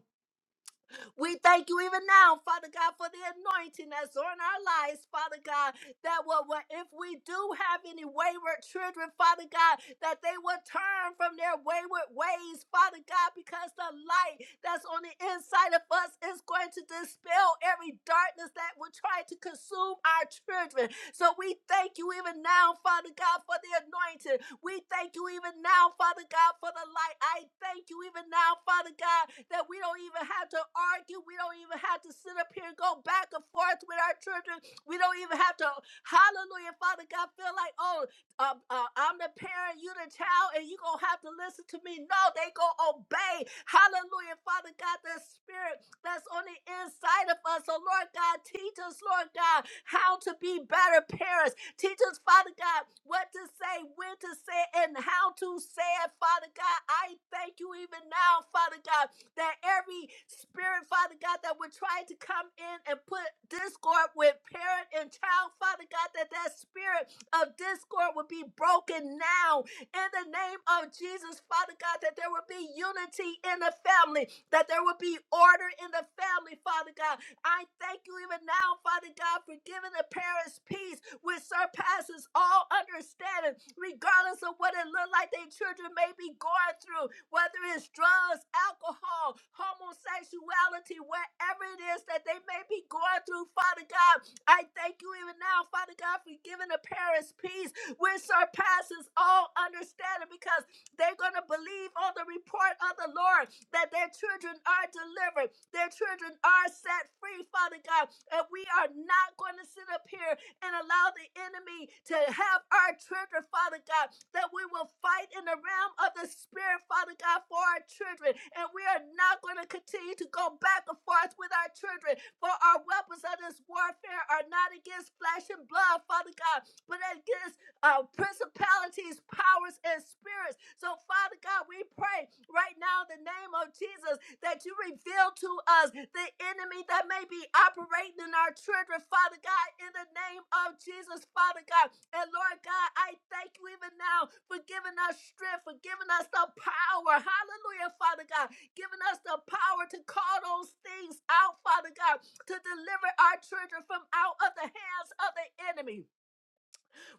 A: we thank you even now, Father God, for the anointing that's on our lives, Father God, that what, what if we do have any wayward children, Father God, that they will turn from their wayward ways, Father God, because the light that's on the inside of us is going to dispel every darkness that will try to consume our children. So we thank you even now, Father God, for the anointing we thank you even now, Father God, for the light. I thank you even now, Father God, that we don't even have to argue. We don't even have to sit up here and go back and forth with our children. We don't even have to, hallelujah, Father God, feel like, oh, uh, uh, I'm the parent, you the child, and you gonna have to listen to me. No, they gonna obey. Hallelujah, Father God, the spirit that's on the inside of us. So Lord God, teach us, Lord God, how to be better parents. Teach us, Father God, what to say, when to say, it, and how to say it, Father God. I thank you even now, Father God. God, that every spirit, Father God, that would try to come in and put discord with parent and child, Father God, that that spirit of discord would be broken now in the name of Jesus, Father God, that there would be unity in the family, that there would be order in the family, Father God. I thank you even now, Father God, for giving having the parents' peace, which surpasses all understanding, regardless of what it looked like their children may be going through, whether it's drugs, alcohol, homosexuality, whatever it is that they may be going through, Father God. I thank you even now, Father God, for giving the parents peace, which surpasses all understanding, because they're going to believe on the report of the Lord that their children are delivered, their children are set free, Father God. And we are not going to sit up here and allow the enemy to have our children, Father God, that we will fight in the realm of the Spirit, Father God, for our children. And we are not going to continue to go back and forth with our children, for our weapons of this warfare are not against flesh and blood, Father God, but against uh, principalities, powers, and spirits. So, Father God, we pray right now in the name of Jesus that you reveal to us the enemy that may be operating in our children, Father God, in the name of Jesus, Father God. And Lord God, I thank you even now for giving us strength, for giving us the power. Hallelujah, Father God. Giving us the power to call those things out, Father God, to deliver our children from out of the hands of the enemy.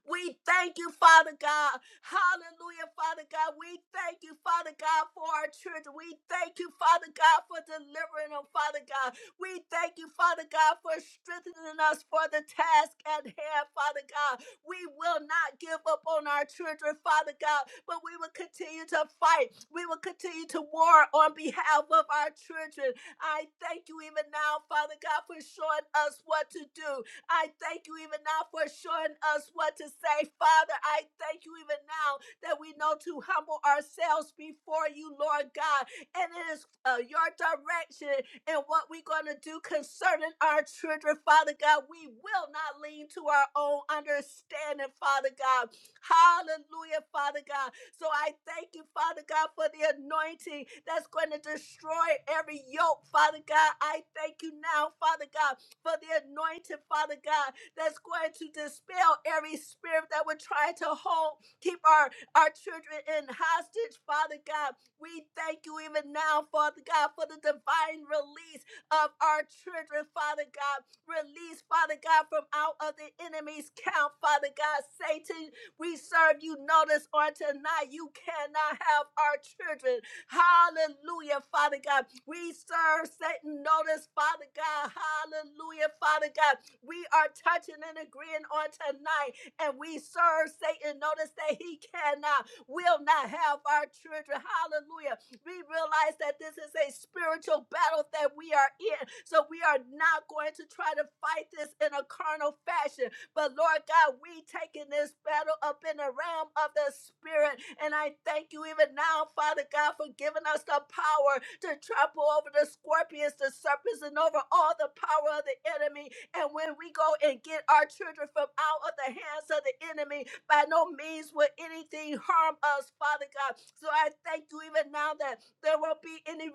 A: We thank you, Father God. Hallelujah, Father God. We thank you, Father God, for our children. We thank you, Father God, for delivering them, Father God. We thank you, Father God, for strengthening us for the task at hand, Father God. We will not give up on our children, Father God, but we will continue to fight. We will continue to war on behalf of our children. I thank you even now, Father God, for showing us what to do. I thank you even now for showing us what to say, Father. I thank you even now that we know to humble ourselves before you, Lord God. And it is uh, your direction and what we're going to do concerning our children, Father God. We will not lean to our own understanding, Father God. Hallelujah, Father God. So I thank you, Father God, for the anointing that's going to destroy every yoke, Father God. I thank you now, Father God, for the anointing, Father God, that's going to dispel every spirit that would try to hold, keep our, our children in hostage, Father God. We thank you even now, Father God, for the divine release of our children, Father God. Release, Father God, from out of the enemy's camp, Father God. Satan, we serve you notice on tonight. You cannot have our children. Hallelujah, Father God. We serve Satan notice, Father God. Hallelujah, Father God. We are touching and agreeing on tonight, and we serve Satan notice that he cannot, will not have our children. Hallelujah. We realize that this is a spiritual battle that we are in, so we are not going to try to fight this in a carnal fashion but Lord God, we taking this battle up in the realm of the spirit. And I thank you even now, Father God, for giving us the power to trample over the scorpions, the serpents, and over all the power of the enemy. And when we go and get our children from out of the hands of the enemy, by no means will anything harm us, Father God. So I thank you even now that there won't be any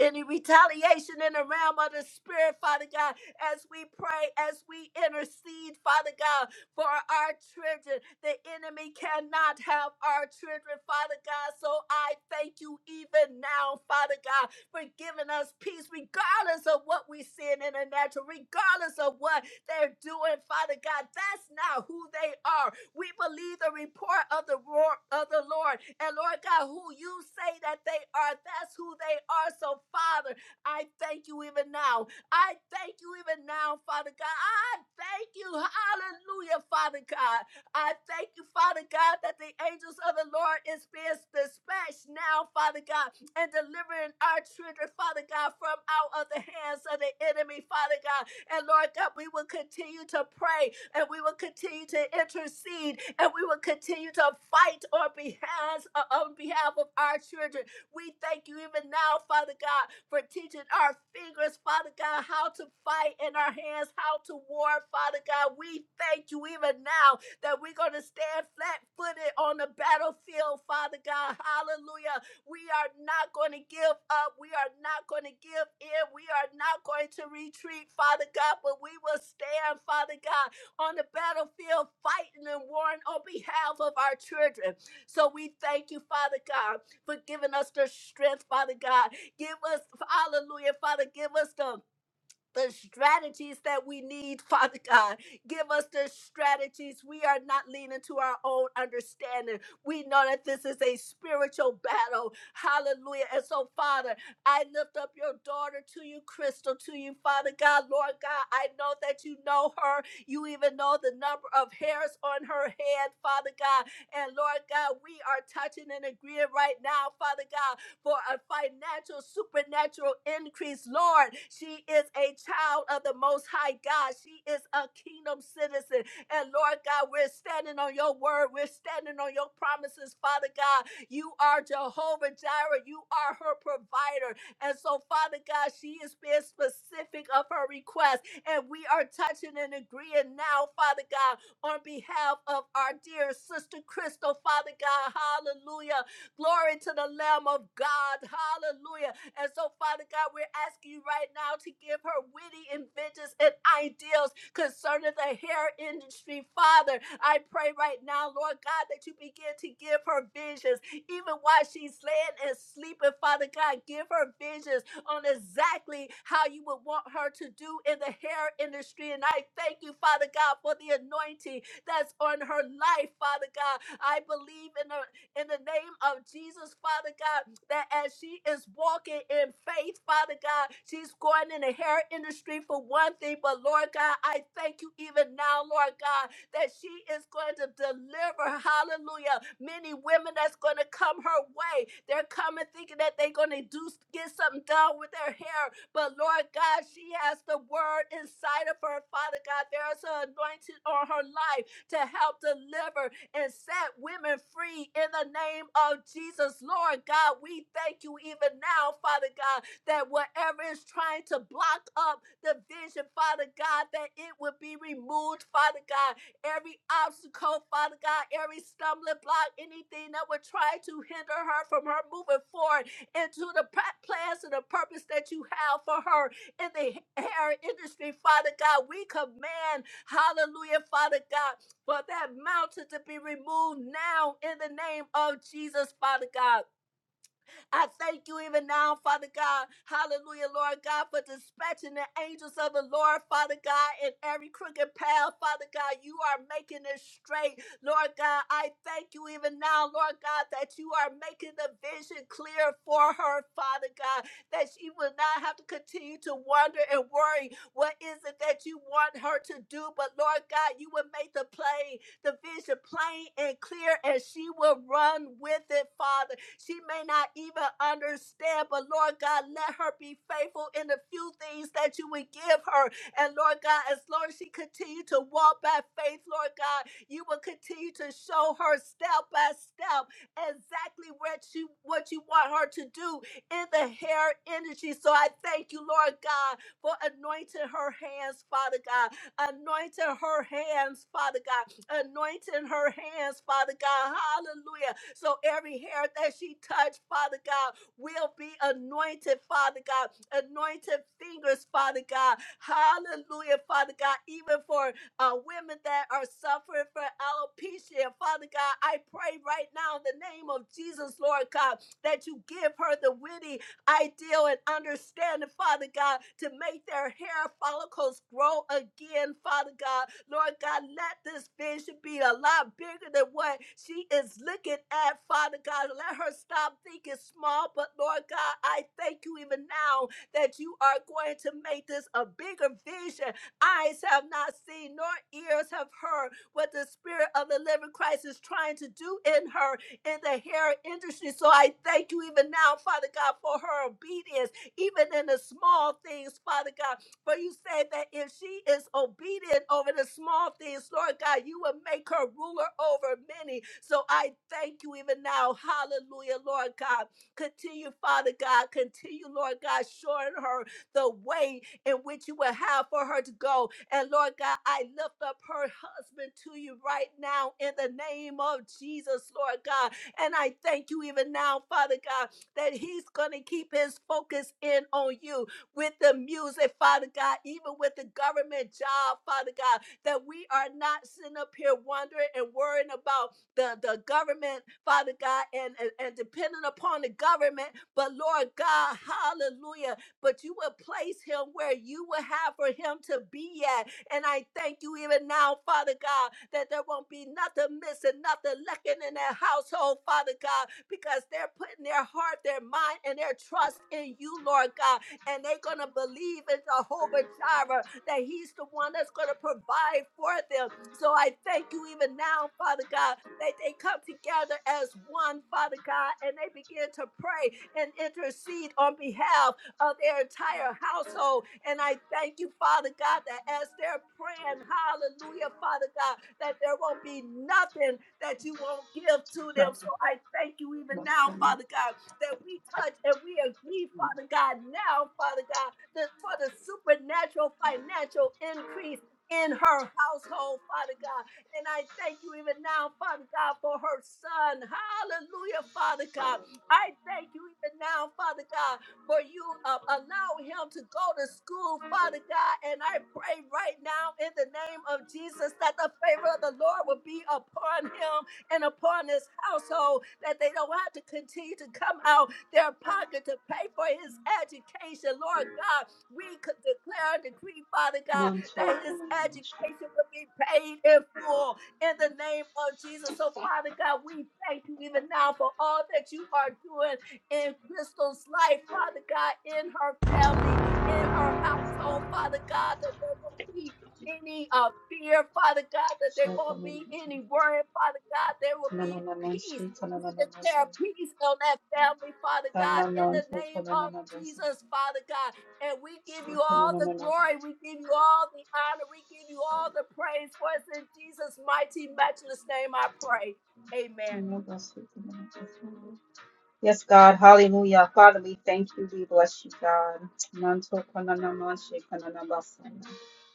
A: any retaliation in the realm of the spirit, Father God, as we pray, as we intercede, Father God, for our children. The enemy cannot have our children, Father God. So I thank you even now, Father God, for giving us peace, regardless of what we sin in the natural, regardless of what they're doing, Father God. That's not who they are. We believe the report of the roar of the Lord. And Lord God, who you say that they are, that's who they are. So, Father, I thank you even now. I thank you even now, Father God. I thank you. Hallelujah, Father God. I thank you, Father God, that the angels of the Lord is being dispatched now, Father God, and delivering our children, Father God, from out of the hands of the enemy, Father God. And Lord God, we will continue to pray and we will continue to intercede and we will continue to fight on behalf, uh, on behalf of our children. We thank you even now, Father God, for teaching our fingers, Father God, how to fight in our hands, how to war, Father God. We thank you even now that we're going to stand flat footed on the battlefield, Father God. Hallelujah we are not going to give up. We are not going to give in. We are not going to retreat, Father God, but we will stand, Father God, on the battlefield fighting and warring on behalf of our children. So we thank you, Father God, for giving us the strength, Father God. Give us, hallelujah, Father, give us the the strategies that we need, (laughs) Father God. Give us the strategies. We are not leaning to our own understanding. We know that this is a spiritual battle. Hallelujah. And so, Father, I lift up your daughter to you, Crystal, to you, Father God, Lord God. I know that you know her. You even know the number of hairs on her head, Father God. And Lord God, we are touching and agreeing right now, Father God for a financial, supernatural increase, Lord. She is a child of the Most High God. She is a kingdom citizen. And Lord God, we're standing on your word. We're standing on your promises, Father God. You are Jehovah Jireh. You are her provider. And so, Father God, she is being specific of her request. And we are touching and agreeing now, Father God, on behalf of our dear sister Crystal, Father God. Hallelujah Glory to the Lamb of God. Hallelujah. And so, Father God, we're asking you right now to give her witty inventions and ideals concerning the hair industry. Father, I pray right now, Lord God, that you begin to give her visions, even while she's laying and sleeping. Father God, give her visions on exactly how you would want her to do in the hair industry. And I thank you, Father God, for the anointing that's on her life, Father God. I believe in her in the name of Jesus, Father God, that as she is walking in faith, Father God, she's going in the hair industry for one thing, but Lord God, I thank you even now, Lord God, that she is going to deliver, hallelujah, many women that's going to come her way. They're coming thinking that they're going to do get something done with their hair, but Lord God, she has the word inside of her, Father God. There is an anointing on her life to help deliver and set women free in the name of Jesus. Lord God, we thank you even now, Father God, that whatever is trying to block up the vision, Father God, that it would be removed, Father God. Every obstacle, Father God, every stumbling block, anything that would try to hinder her from her moving forward into the pr- plans and the purpose that you have for her in the hair industry, Father God, we command, hallelujah, Father God for that mountain to be removed now in the name of Jesus, Father God. I thank you even now, Father God. Hallelujah, Lord God, for dispatching the angels of the Lord, Father God, in every crooked path, Father God. You are making it straight, Lord God. I thank you even now, Lord God, that you are making the vision clear for her, Father God, that she will not have to continue to wonder and worry what is it that you want her to do. But Lord God, you will make the play the vision plain and clear, and she will run with it, Father. She may not even understand, but Lord God, let her be faithful in the few things that you would give her. And Lord God, as long as she continue to walk by faith, Lord God, you will continue to show her step by step exactly what you what you want her to do in the hair energy. So I thank you, Lord God, for anointing her hands, Father God. Anointing her hands, Father God anointing her hands, Father God. Hallelujah. So every hair that she touched, Father God, will be anointed, Father God. Anointed fingers, Father God. Hallelujah, Father God. Even for uh, women that are suffering from alopecia, Father God, I pray right now in the name of Jesus, Lord God, that you give her the witty ideal and understanding, Father God, to make their hair follicles grow again, Father God Lord God, let this vision be a lot bigger than what she is looking at, Father God. Let her stop thinking small, but Lord God, I thank you even now that you are going to make this a bigger vision. Eyes have not seen, nor ears have heard what the Spirit of the living Christ is trying to do in her in the hair industry. So I thank you even now, Father God, for her obedience, even in the small things, Father God. For you said that if she is obedient over the small things, Lord God, you will make her ruler over many. So I thank you even now. Hallelujah, Lord God. Continue, Father God. Continue, Lord God, showing her the way in which you will have for her to go. And Lord God, I lift up her husband to you right now in the name of Jesus, Lord God. And I thank you even now, Father God, that he's going to keep his focus in on you with the music, Father God, even with the government job, Father God, that we are not sitting up here wondering and worrying about the, the government, Father God, and, and, and depending upon the government. But Lord God, hallelujah, but you will place him where you will have for him to be at. And I thank you even now, Father God, that there won't be nothing missing, nothing lacking in their household, Father God, because they're putting their heart, their mind, and their trust in you, Lord God and they're going to believe in Jehovah Jireh that He's the one that's going to provide for them. So I thank you even now, Father God, that they come together as one, Father God, and they begin to pray and intercede on behalf of their entire household. And I thank you, Father God, that as they're praying, hallelujah, Father God, that there won't be nothing that you won't give to
B: No,
A: them. So I thank you even now, Father God that we touch and we agree, Father God, now, Father God, that for the supernatural financial increase in her household, Father God. And I thank you even now, Father God, for her son. Hallelujah, Father God. I thank you even now, Father God, for you uh, allowing him to go to school, Father God. And I pray right now in the name of Jesus that the favor of the Lord will be upon him and upon his household that they don't have to continue to come out their pocket to pay for his education. Lord God, we could declare and decree, Father God,
B: non talk
A: that his
B: on the man sheet.
A: education will be paid in full in the name of Jesus. So, Father God, we thank you even now for all that you are doing in Crystal's life, Father God, in her family, in her
B: Yes,
A: household,
B: God.
A: Father God, that there will be any uh, fear, Father God, that there
B: Share for
A: won't
B: me,
A: be any
B: man.
A: worry, Father God. There will
B: No, no,
A: be
B: no, man
A: peace.
B: sheet. No, no,
A: We
B: no, no, no.
A: declare peace on that family, Father
B: Stand
A: God,
B: no,
A: in
B: no,
A: the
B: talk
A: name
B: on the
A: of
B: man. Sheet.
A: Jesus, Father God. And we give you
B: No, no,
A: all
B: no,
A: the
B: no.
A: glory. We give you all the honor. We give you all the praise. For it's in Jesus' mighty, matchless name I pray.
B: No,
A: Amen.
B: no, no, No, no, no, no. Yes, God. Hallelujah. Father, we thank you. We bless you, God. Manto kananama shekananabasana.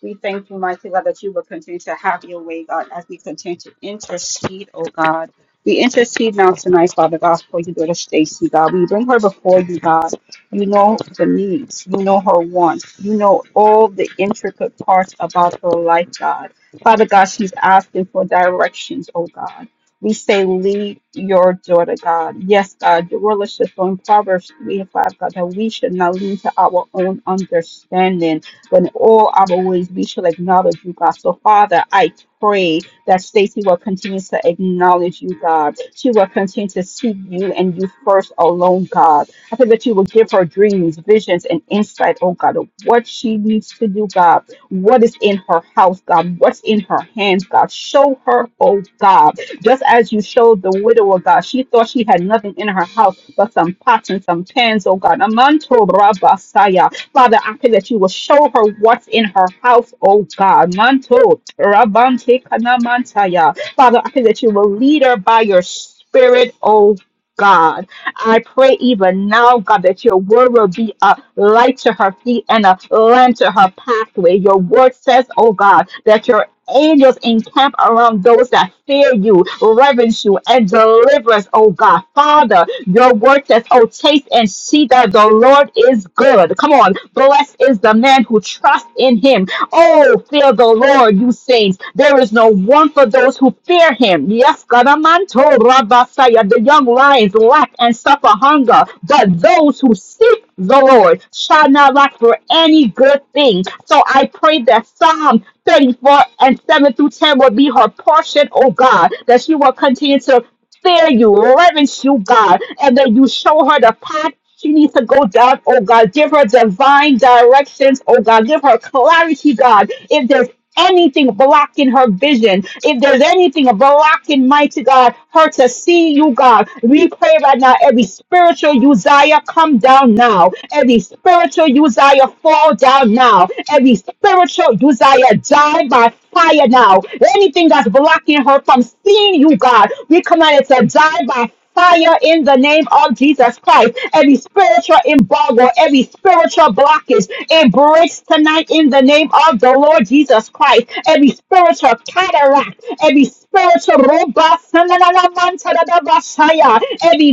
B: We thank you, mighty God, that you will continue to have your way, God, as we continue to intercede, oh God. We intercede now tonight, Father God, for your daughter Stacy, God. We bring her before you, God. You know the needs. You know her wants. You know all the intricate parts about her life, God. Father God, she's asking for directions, oh God. We say, lead your daughter, God. Yes, God, your word is on Proverbs 3 and 5, God, that we should not lean to our own understanding, but in all our ways we shall acknowledge you, God. So, Father, I pray that Stacy will continue to acknowledge you, God. She will continue to seek you and you first alone, God. I pray that you will give her dreams, visions, and insight, oh God, of what she needs to do, God. What is in her house, God? What's in her hands, God? Show her, oh God just as you showed the widow, oh God, she thought she had nothing in her house but some pots and some pans, oh God. Amanto rabasaya. Father, I pray that you will show her what's in her house, oh God. Manto rabante kanamantaya. Father, I pray that you will lead her by your spirit, Oh. God. I pray even now, God, that your word will be a light to her feet and a lamp to her pathway. Your word says, oh God, that your angels encamp around those that fear you, reverence you, and deliver us, oh God. Father, your word says, oh, taste and see that the Lord is good. Come on. Blessed is the man who trusts in him. Oh, fear the Lord, you saints. There is no want for those who fear him. Yes, Gadamanto Rabasaya, the young lions lack and suffer hunger, but those who seek the Lord shall not lack for any good thing. So I pray that Psalm 34 and 7 through 10 will be her portion, oh God, that she will continue to fear you, reverence you, God, and that you show her the path she needs to go down, oh God. Give her divine directions, oh God. Give her clarity, God. If there's anything blocking her vision, if there's anything blocking, mighty God, her to see you, God, we pray right now, every spiritual Uzziah come down now. Every spiritual Uzziah fall down now. Every spiritual Uzziah die by fire now. Anything that's blocking her from seeing you, God, we command it to die by fire in the name of Jesus Christ. Every spiritual embargo, every spiritual blockage, it breaks tonight in the name of the Lord Jesus Christ. Every spiritual cataract, every spiritual robust, every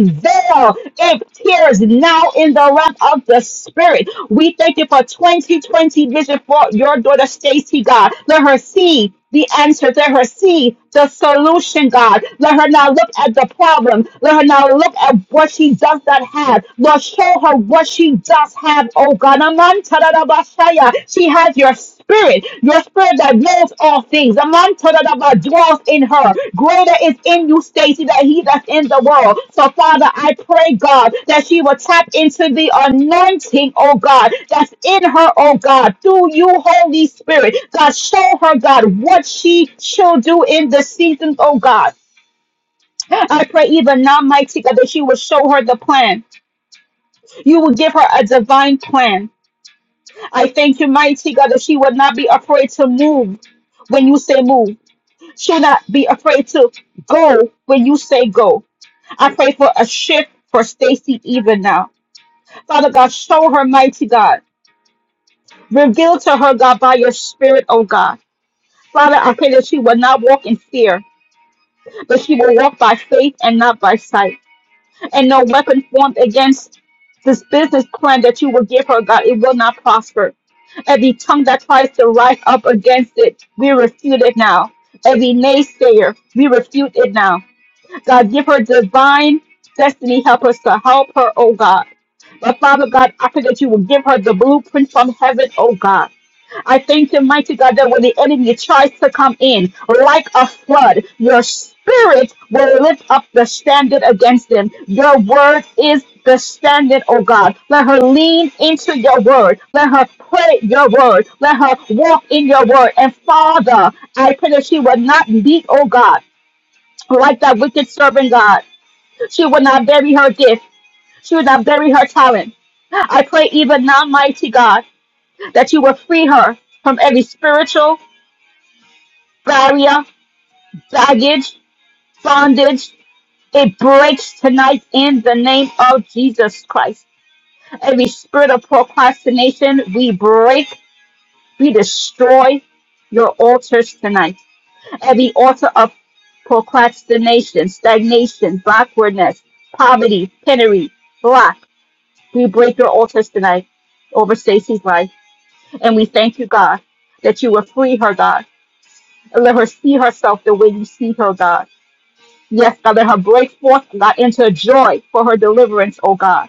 B: veil, it tears now in the realm of the spirit. We thank you for 2020 vision for your daughter Stacy God. Let her see the answer. Let her see the solution, God. Let her not look at the problem. Let her not look at what she does not have. Lord, show her what she does have, oh God. Aman tadadabashaya. She has your spirit, your spirit that knows all things. Aman tadadaba dwells in her. Greater is in you, Stacy, than he that's in the world. So, Father, I pray, God, that she will tap into the anointing, oh God, that's in her, oh God, through you, Holy Spirit. God, show her, God, what she should do in the seasons, oh God. I pray even now, mighty God, that you will show her the plan. You will give her a divine plan. I thank you, mighty God, that she will not be afraid to move when you say move. to not be afraid to go when you say go. I pray for a shift for Stacy even now. Father God, show her mighty God. Reveal to her, God, by your spirit, oh God. Father, I pray that she will not walk in fear, but she will walk by faith and not by sight. And no weapon formed against this business plan that you will give her, God, it will not prosper. Every tongue that tries to rise up against it, we refute it now. Every naysayer, we refute it now God, give her divine destiny. Help us to help her, oh God. But Father God, I pray that you will give her the blueprint from heaven, oh God. I thank you, mighty God, that when the enemy tries to come in like a flood, your spirit will lift up the standard against them. Your word is the standard, oh God. Let her lean into your word. Let her pray your word. Let her walk in your word. And Father, I pray that she will not be, oh God like that wicked servant God. She will not bury her gift. She will not bury her talent. I pray even now, mighty God, that you will free her from every spiritual barrier, baggage, bondage. It breaks tonight in the name of Jesus Christ. Every spirit of procrastination, we break, we destroy your altars tonight. Every altar of procrastination, stagnation, backwardness, poverty, penury, lack We break your altars tonight over Stacy's life. And we thank you, God, that you will free her, God, and let her see herself the way you see her, God. Yes, God, let her break forth, God, into joy for her deliverance, oh God.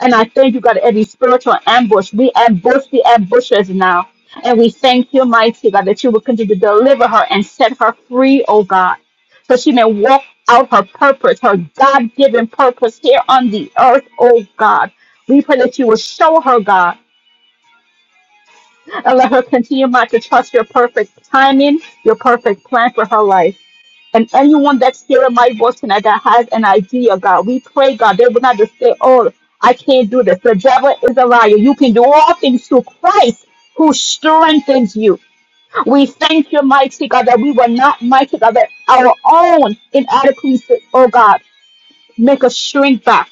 B: And I thank you, God, every spiritual ambush. We ambush the ambushers now. And we thank you, mighty God, that you will continue to deliver her and set her free, oh God, so she may walk out her purpose, her God given purpose here on the earth, oh God. We pray that you will show her, God and let her continue, Ma, to trust your perfect timing, your perfect plan for her life. And anyone that's hearing my voice tonight that has an idea, God, we pray, God, they will not just say, oh, I can't do this. The devil is a liar. You can do all things through Christ who strengthens you. We thank you, mighty God, that we were not mighty God, that our own inadequacies, oh God make us shrink back.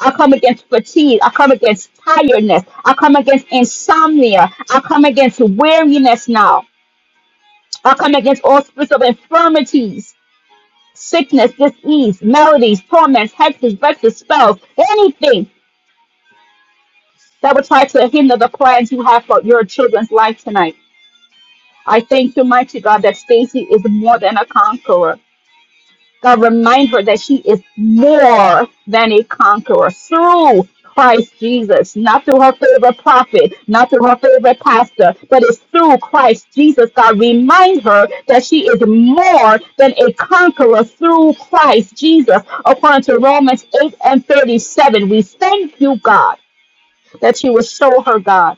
B: I come against fatigue. I come against tiredness. I come against insomnia. I come against weariness now. I come against all spirits of infirmities, sickness, disease, maladies, torments, hexes, vexes, spells, anything that would try to hinder the plans you have for your children's life tonight. I thank you, mighty God, that Stacy is more than a conqueror. a reminder that she is more than a conqueror through Christ Jesus, not through her favorite prophet, not through her favorite pastor, but it's through Christ Jesus. God, remind her that she is more than a conqueror through Christ Jesus. According to Romans 8 and 37, we thank you, God, that you will show her, God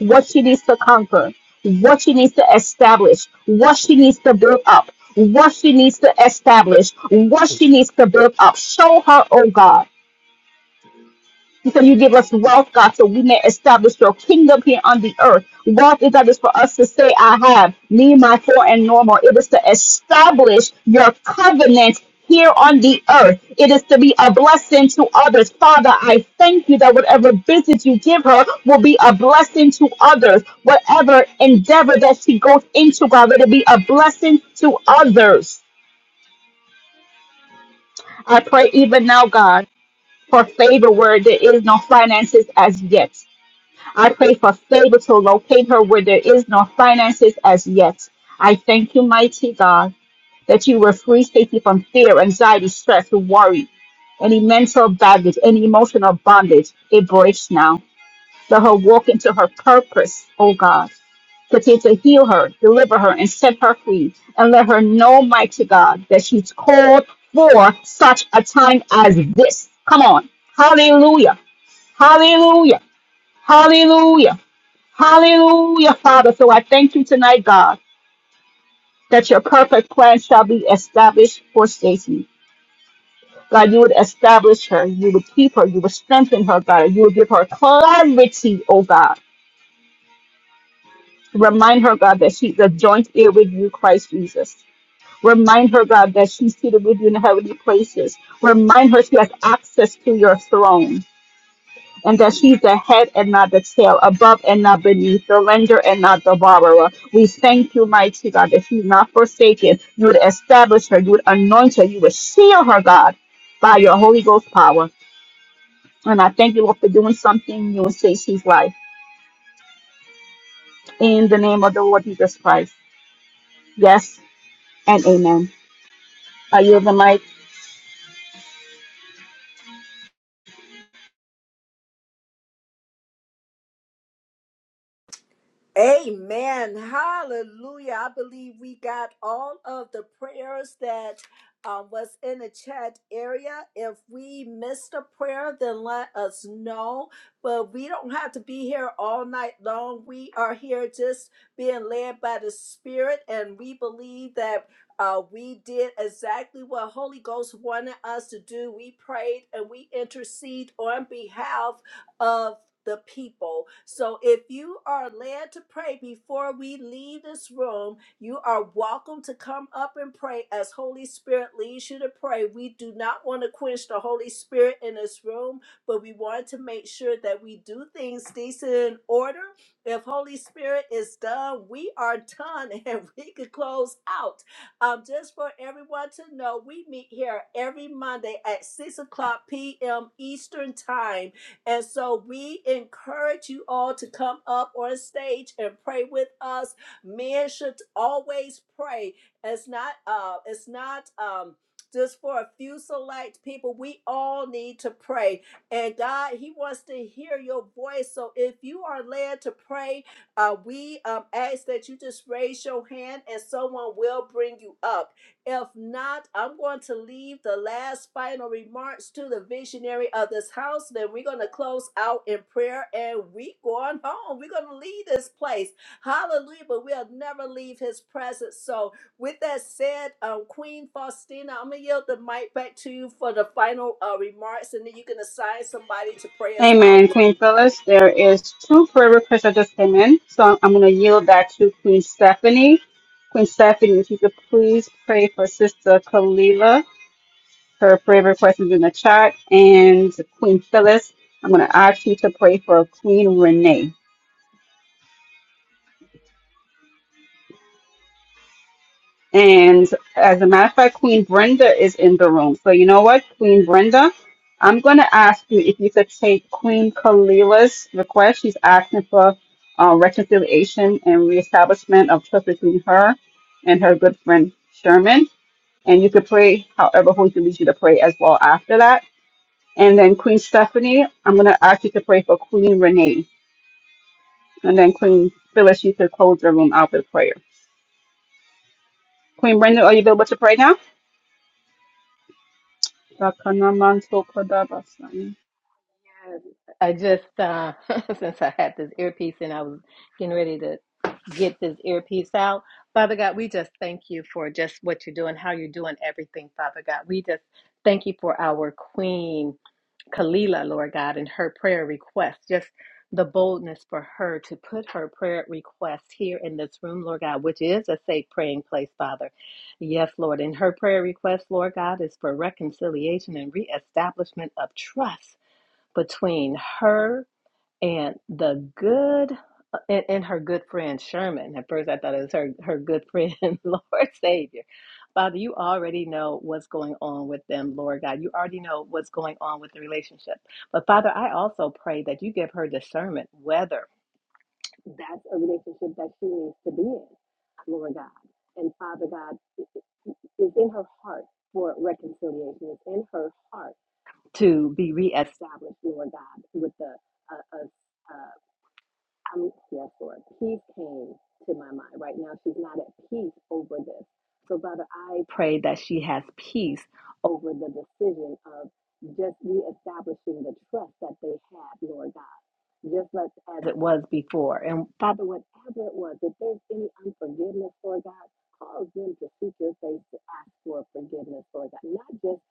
B: what she needs to conquer, what she needs to establish, what she needs to build up, what she needs to establish, what she needs to build up. Show her, oh God. So you give us wealth, God, so we may establish your kingdom here on the earth. Wealth is not just for us to say, I have, me, my four, and normal. It is to establish your covenant here on the earth. It is to be a blessing to others. Father, I thank you that whatever business you give her will be a blessing to others. Whatever endeavor that she goes into, God, let it be a blessing to others. I pray even now, God, for favor where there is no finances as yet. I pray for favor to locate her where there is no finances as yet. I thank you, mighty God, that you will free Stacy from fear, anxiety, stress, worry, any mental baggage, any emotional bondage. It breaks now. Let her walk into her purpose, oh God. Continue to heal her, deliver her, and set her free. And let her know, mighty God, that she's called for such a time as this. Come on. Hallelujah. Hallelujah. Hallelujah. Hallelujah, Father. So I thank you tonight, God, that your perfect plan shall be established for Stacy. God, you would establish her, you would keep her, you would strengthen her, God, you would give her clarity, oh God. Remind her, God, that she's a joint heir with you, Christ Jesus. Remind her, God, that she's seated with you in heavenly places. Remind her she has access to your throne. and that he's the head and not the tail, above and not beneath, the lender and not the borrower. We thank you, mighty God, that he's not forsaken. You would establish her, you would anoint her, you would seal her, God, by your Holy Ghost power. And I thank you, Lord, for doing something new in Stacey's life. In the name of the Lord Jesus Christ. Yes and amen. I yield the mic.
A: Amen. Hallelujah. I believe we got all of the prayers that uh, was in the chat area. If we missed a prayer, then let us know. But we don't have to be here all night long. We are here just being led by the Spirit, and we believe that. Uh, we did exactly what Holy Ghost wanted us to do. We prayed and we intercede on behalf of the people. So if you are led to pray before we leave this room, you are welcome to come up and pray as Holy Spirit leads you to pray. We do not want to quench the Holy Spirit in this room, but we want to make sure that we do things decent and order. If Holy Spirit is done, we are done (laughs) and we could close out. Um, just for everyone to know, we meet here every Monday at 6 o'clock p.m. Eastern Time and so we encourage you all to come up on stage and pray with us. Men should always pray. It's not uh it's not um just for a few select people, we all need to pray. And God, He wants to hear your voice. So if you are led to pray, uh, we um, ask that you just raise your hand and someone will bring you up. If not, I'm going to leave the last final remarks to the visionary of this house. Then we're going to close out in prayer and we going home. We're going to leave this place. Hallelujah. But we'll never leave his presence. So with that said, um, Queen Faustina, I'm going to yield the mic back to you for the final uh, remarks and then you can assign somebody to pray us out.
B: Amen, Queen Phyllis. There is two prayer requests that just came in, so I'm going to yield that to Queen Stephanie. Queen Stephanie, if you could please pray for Sister Kalila. Her prayer request is in the chat. And Queen Phyllis, I'm going to ask you to pray for Queen Renee. And as a matter of fact, Queen Brenda is in the room. So you know what, Queen Brenda, I'm going to ask you if you could take Queen Kalila's request. She's asking for uh, reconciliation and reestablishment of trust between her and her good friend Sherman. And you could pray however Holy Spirit leads you to pray as well after that. And then Queen Stephanie, I'm going to ask you to pray for Queen Renee. And then Queen Phyllis, you could close the room out with prayer. Queen Brenda, are you available to pray now? Rakana man so kodabasai.
D: I just uh, (laughs) since I had this earpiece and I was getting ready to get this earpiece out. Father God, we just thank you for just what you're doing, how you're doing everything, Father God. We just thank you for our Queen Kalila, Lord God, and her prayer request. Just the boldness for her to put her prayer request here in this room, Lord God, which is a safe praying place, Father. Yes, Lord. And her prayer request, Lord God, is for reconciliation and reestablishment of trust between her and the good, and, and her good friend Sherman. At first, I thought it was her, her good friend, (laughs) Lord Savior. Father, you already know what's going on with them, Lord God. You already know what's going on with the relationship. But Father, I also pray that you give her discernment whether that's a relationship that she needs to be in, Lord God. And Father God is in her heart for reconciliation. It's in her heart to be reestablished, Lord God, with the a, a, a I'm yes, Lord. Peace came to my mind. Right now, she's not at peace over this. So, Father, I pray that she has peace over the decision of just reestablishing the trust that they had, Lord God. Just let, as it was before. And Father, whatever it was, if there's any unforgiveness, Lord God, cause them to seek your face to ask for forgiveness, Lord God. Not just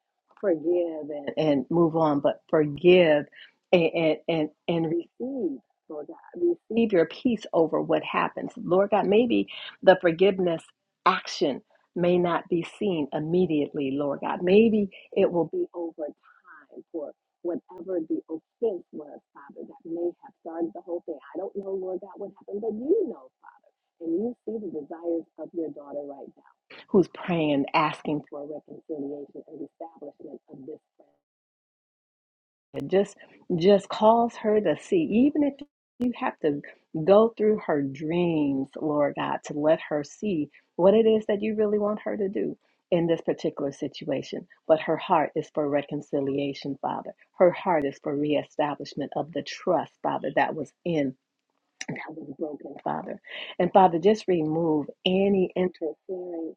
D: forgive and, and move on, but forgive and, and, and, and receive. Lord God. Receive your peace over what happens. Lord God, maybe the forgiveness action may not be seen immediately, Lord God. Maybe it will be over time for whatever the offense was, Father, that may have started the whole thing. I don't know, Lord God, what happened, but you know. And you see the desires of your daughter right now, who's praying, asking for a reconciliation and establishment of this just just cause her to see even if you have to go through her dreams lord god to let her see what it is that you really want her to do in this particular situation but her heart is for reconciliation father her heart is for reestablishment of the trust father that was in and I was broken, Father. And Father, just remove any interfering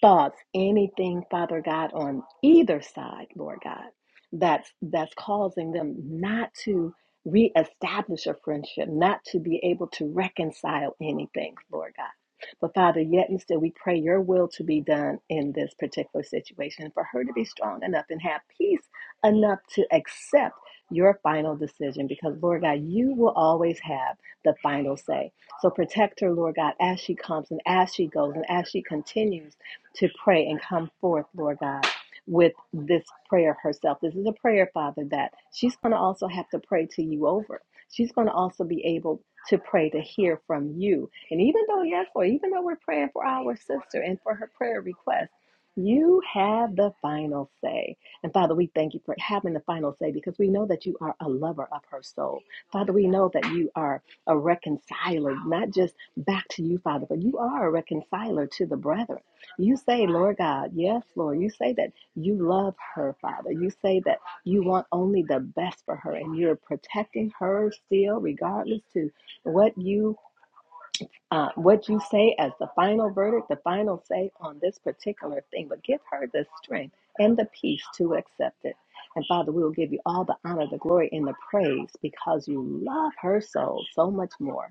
D: thoughts, anything, Father God, on either side, Lord God, that's that's causing them not to reestablish a friendship, not to be able to reconcile anything, Lord God. But Father, yet and still we pray your will to be done in this particular situation for her to be strong enough and have peace enough to accept your final decision because Lord God, you will always have the final say. So protect her, Lord God, as she comes and as she goes and as she continues to pray and come forth, Lord God, with this prayer herself. This is a prayer, Father, that she's going to also have to pray to you over. She's going to also be able to pray to hear from you. And even though, yes, Lord, even though we're praying for our sister and for her prayer request, you have the final say. And Father, we thank you for having the final say because we know that you are a lover of her soul. Father, we know that you are a reconciler, not just back to you, Father, but you are a reconciler to the brethren. You say, Lord God, yes, Lord, you say that you love her, Father. You say that you want only the best for her and you're protecting her still, regardless to what you. Uh, what you say as the final verdict, the final say on this particular thing, but give her the strength and the peace to accept it. And Father, we will give you all the honor, the glory, and the praise because you love her soul so much more.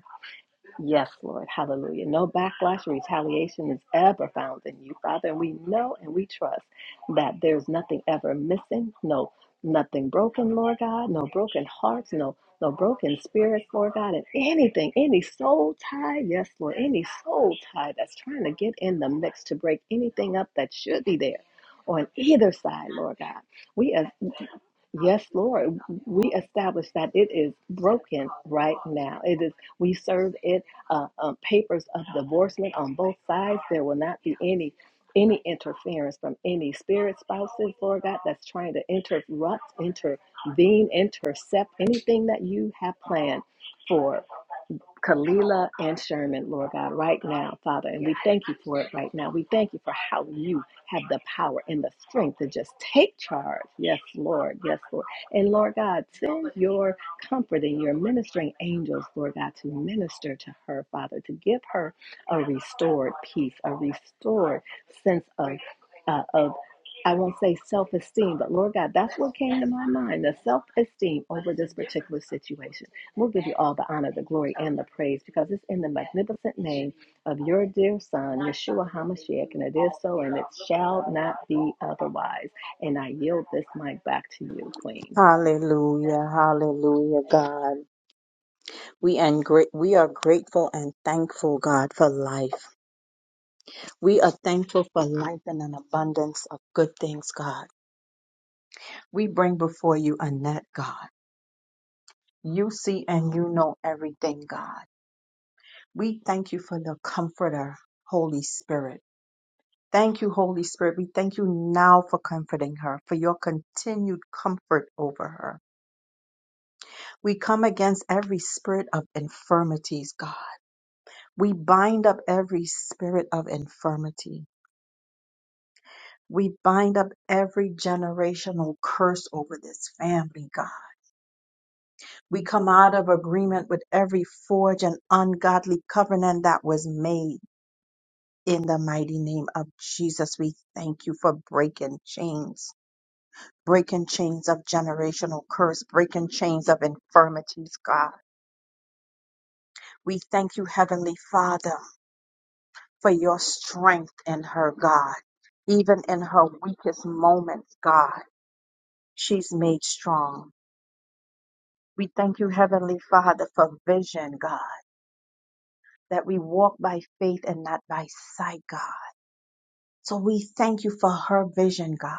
D: Yes, Lord. Hallelujah. No backlash or retaliation is ever found in you, Father. And we know and we trust that there's nothing ever missing, no nothing broken, Lord God, no broken hearts, no no broken spirits, Lord God, and anything, any soul tie, yes, Lord, any soul tie that's trying to get in the mix to break anything up that should be there on either side, Lord God. We as Yes, Lord. We establish that it is broken right now. It is. We serve it uh, uh, papers of divorcement on both sides. There will not be any any interference from any spirit spouses, Lord God, that's trying to interrupt, intervene, intercept anything that you have planned. For Kalila and Sherman, Lord God, right now, Father. And we thank you for it right now. We thank you for how you have the power and the strength to just take charge. Yes, Lord. Yes, Lord. And Lord God, send your comfort and your ministering angels, Lord God, to minister to her, Father, to give her a restored peace, a restored sense of, uh, of I won't say self esteem, but Lord God, that's what came to my mind the self esteem over this particular situation. We'll give you all the honor, the glory, and the praise because it's in the magnificent name of your dear Son, Yeshua HaMashiach, and it is so, and it shall not be otherwise. And I yield this mic back to you, Queen.
C: Hallelujah, hallelujah, God. We and great we are grateful and thankful, God, for life. We are thankful for life and an abundance of good things, God. We bring before you Annette, God. You see and you know everything, God. We thank you for the comforter, Holy Spirit. Thank you, Holy Spirit. We thank you now for comforting her, for your continued comfort over her. We come against every spirit of infirmities, God. We bind up every spirit of infirmity. We bind up every generational curse over this family, God. We come out of agreement with every forged and ungodly covenant that was made In the mighty name of Jesus, we thank you for breaking chains, breaking chains of generational curse, breaking chains of infirmities, God. We thank you, Heavenly Father, for your strength in her, God. Even in her weakest moments, God, she's made strong. We thank you, Heavenly Father, for vision, God, that we walk by faith and not by sight, God. So we thank you for her vision, God,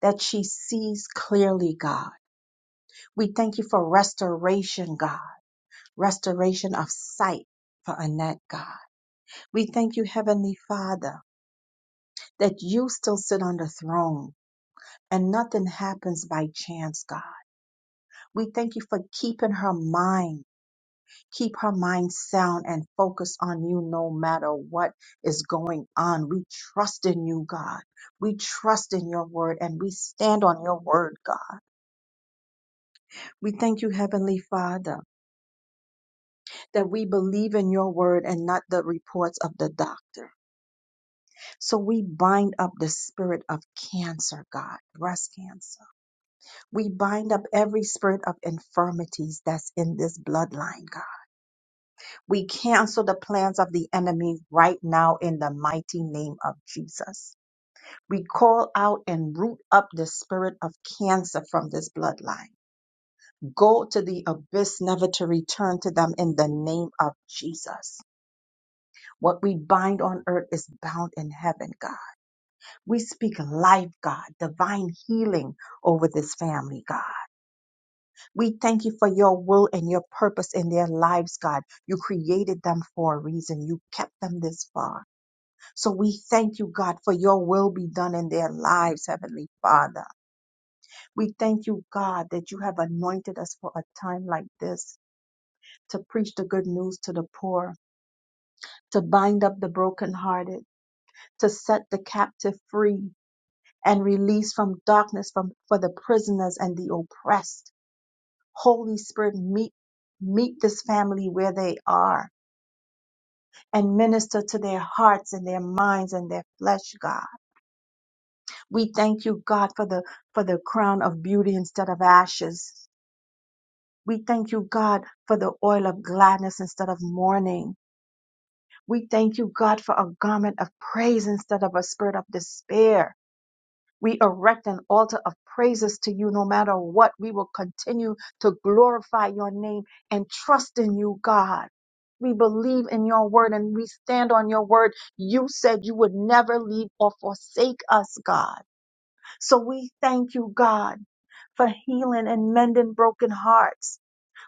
C: that she sees clearly, God We thank you for restoration, God, restoration of sight for Annette, God. We thank you, Heavenly Father, that you still sit on the throne and nothing happens by chance, God. We thank you for keeping her mind. Keep her mind sound and focused on you no matter what is going on. We trust in you, God. We trust in your word and we stand on your word, God. We thank you, Heavenly Father that we believe in your word and not the reports of the doctor. So we bind up the spirit of cancer, God, breast cancer. We bind up every spirit of infirmities that's in this bloodline, God. We cancel the plans of the enemy right now in the mighty name of Jesus. We call out and root up the spirit of cancer from this bloodline. Go to the abyss, never to return to them in the name of Jesus. What we bind on earth is bound in heaven, God. We speak life, God, divine healing over this family, God. We thank you for your will and your purpose in their lives, God. You created them for a reason. You kept them this far. So we thank you, God, for your will be done in their lives, Heavenly Father. We thank you, God, that you have anointed us for a time like this to preach the good news to the poor, to bind up the brokenhearted, to set the captive free, and release from darkness from, for the prisoners and the oppressed. Holy Spirit, meet, meet this family where they are and minister to their hearts and their minds and their flesh, God. We thank you, God, for the, for the crown of beauty instead of ashes. We thank you, God, for the oil of gladness instead of mourning. We thank you, God, for a garment of praise instead of a spirit of despair. We erect an altar of praises to you no matter what. We will continue to glorify your name and trust in you, God. We believe in your word and we stand on your word. You said you would never leave or forsake us, God. So we thank you, God, for healing and mending broken hearts.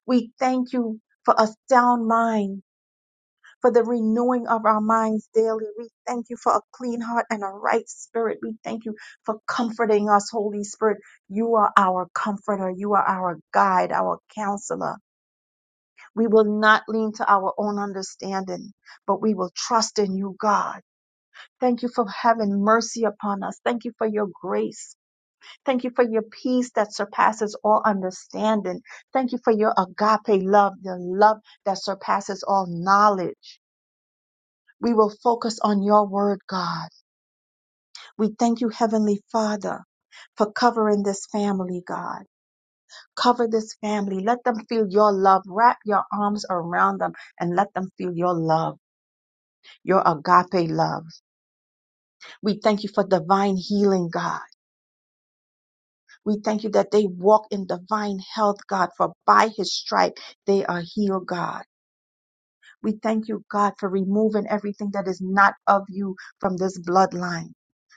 C: We thank you for a sound mind for the renewing of our minds daily. We thank you for a clean heart and a right spirit. We thank you for comforting us, Holy Spirit. You are our comforter. You are our guide, our counselor. We will not lean to our own understanding, but we will trust in you, God. Thank you for having mercy upon us. Thank you for your grace. Thank you for your peace that surpasses all understanding. Thank you for your agape love, the love that surpasses all knowledge. We will focus on your word, God. We thank you, Heavenly Father, for covering this family, God. Cover this family. Let them feel your love. Wrap your arms around them and let them feel your love, your agape love. We thank you for divine healing, God. We thank you that they walk in divine health, God, for by his stripe they are healed, God. We thank you, God, for removing everything that is not of you from this bloodline.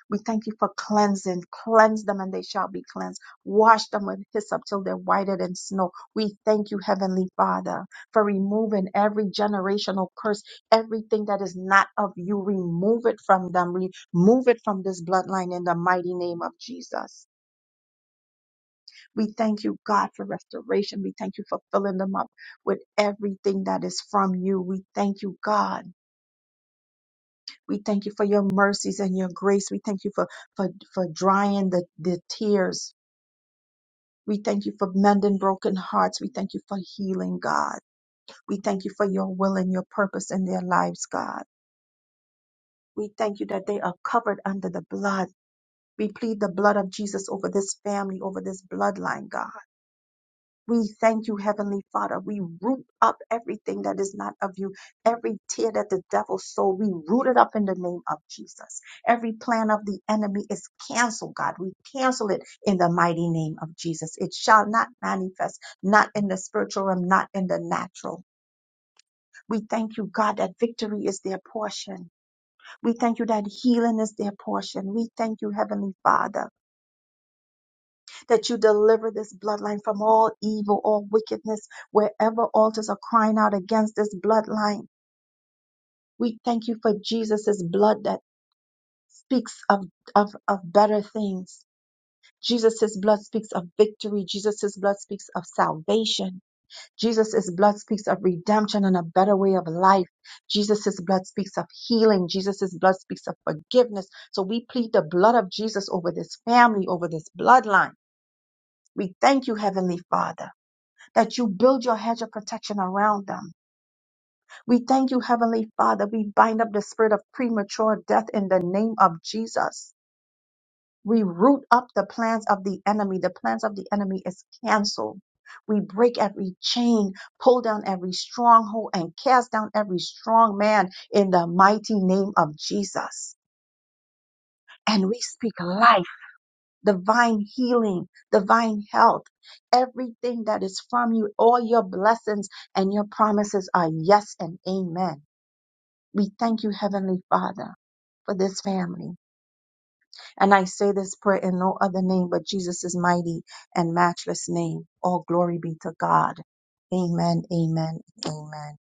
C: We thank you for cleansing. Cleanse them and they shall be cleansed. Wash them with hyssop till they're whiter than snow. We thank you, Heavenly Father, for removing every generational curse, everything that is not of you. Remove it from them. Remove it from this bloodline in the mighty name of Jesus. We thank you, God, for restoration. We thank you for filling them up with everything that is from you. We thank you, God. We thank you for your mercies and your grace. We thank you for, for, for drying the, the tears. We thank you for mending broken hearts. We thank you for healing, God. We thank you for your will and your purpose in their lives, God. We thank you that they are covered under the blood. We plead the blood of Jesus over this family, over this bloodline, God. We thank you, Heavenly Father. We root up everything that is not of you, every tear that the devil sowed. We root it up in the name of Jesus. Every plan of the enemy is canceled, God. We cancel it in the mighty name of Jesus. It shall not manifest, not in the spiritual realm, not in the natural. We thank you, God, that victory is their portion. We thank you that healing is their portion. We thank you, Heavenly Father that you deliver this bloodline from all evil, all wickedness, wherever altars are crying out against this bloodline. We thank you for Jesus' blood that speaks of, of, of better things. Jesus' blood speaks of victory. Jesus' blood speaks of salvation. Jesus' blood speaks of redemption and a better way of life. Jesus' blood speaks of healing. Jesus' blood speaks of forgiveness. So we plead the blood of Jesus over this family, over this bloodline. We thank you, Heavenly Father. that you build your hedge of protection around them. We thank you, Heavenly Father. We bind up the spirit of premature death in the name of Jesus. We root up the plans of the enemy. The plans of the enemy is canceled. We break every chain, pull down every stronghold, and cast down every strong man in the mighty name of Jesus. And we speak life. divine healing, divine health. Everything that is from you, all your blessings and your promises are yes and amen. We thank you, Heavenly Father, for this family. And I say this prayer in no other name but Jesus' mighty and matchless name. All glory be to God. Amen, amen, amen.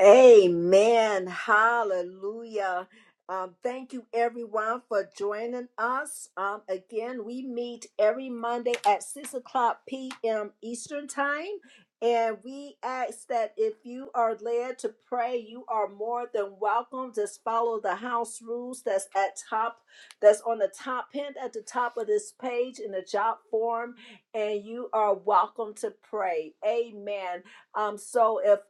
A: Amen. Hallelujah. Um, thank you, everyone, for joining us. Um, again, we meet every Monday at 6 o'clock p.m. Eastern Time. And we ask that if you are led to pray, you are more than welcome. Just follow the house rules that's at top, that's on the top hint at the top of this page in the job form, and you are welcome to pray. Amen. Um, so if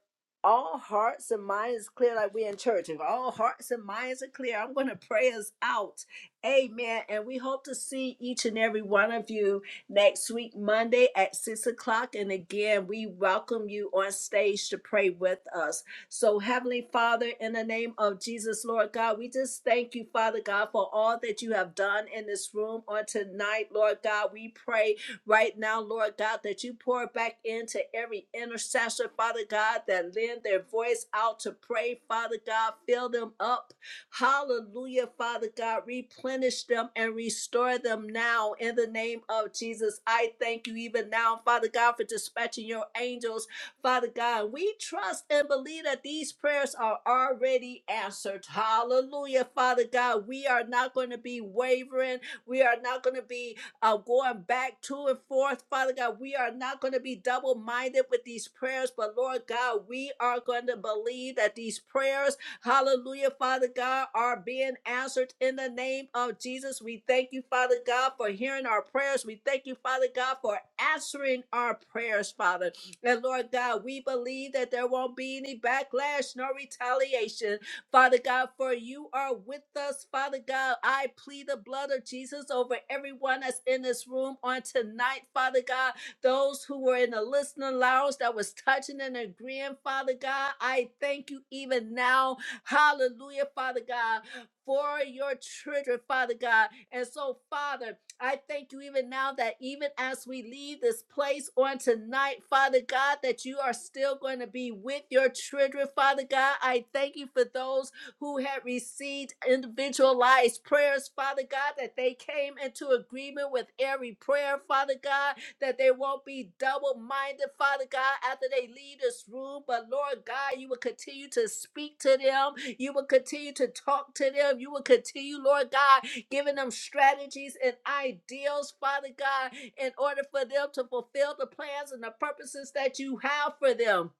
A: all hearts and minds clear like we in church. If all hearts and minds are clear, I'm going to pray us out. Amen. And we hope to see each and every one of you next week, Monday at six o'clock. And again, we welcome you on stage to pray with us. So, Heavenly Father, in the name of Jesus, Lord God, we just thank you, Father God, for all that you have done in this room on tonight, Lord God. We pray right now, Lord God, that you pour back into every intercessor, Father God, that lend their voice out to pray, Father God. Fill them up. Hallelujah, Father God. Replenish them and restore them now in the name of Jesus. I thank you even now, Father God, for dispatching your angels. Father God, we trust and believe that these prayers are already answered. Hallelujah, Father God. We are not going to be wavering. We are not going to be uh, going back to and forth. Father God, we are not going to be double minded with these prayers, but Lord God, we are going to believe that these prayers, hallelujah, Father God, are being answered in the name of Jesus. We thank you, Father God, for hearing our prayers. We thank you, Father God, for answering our prayers, Father. And Lord God, we believe that there won't be any backlash nor retaliation Father God, for you are with us. Father God, I plead the blood of Jesus over everyone that's in this room on tonight, Father God. Those who were in the listening lounge that was touching and agreeing, Father God, I thank you even now. Hallelujah, Father God, for your children, Father God. And so, Father, I thank you even now that even as we leave this place on tonight, Father God, that you are still going to be with your children, Father God. I thank you for those who had received individualized prayers, Father God, that they came into agreement with every prayer, Father God, that they won't be double minded, Father God, after they leave this room. But Lord God, you will continue to speak to them you will continue to talk to them. You will continue, Lord God, giving them strategies and ideals, Father God, in order for them to fulfill the plans and the purposes that you have for them.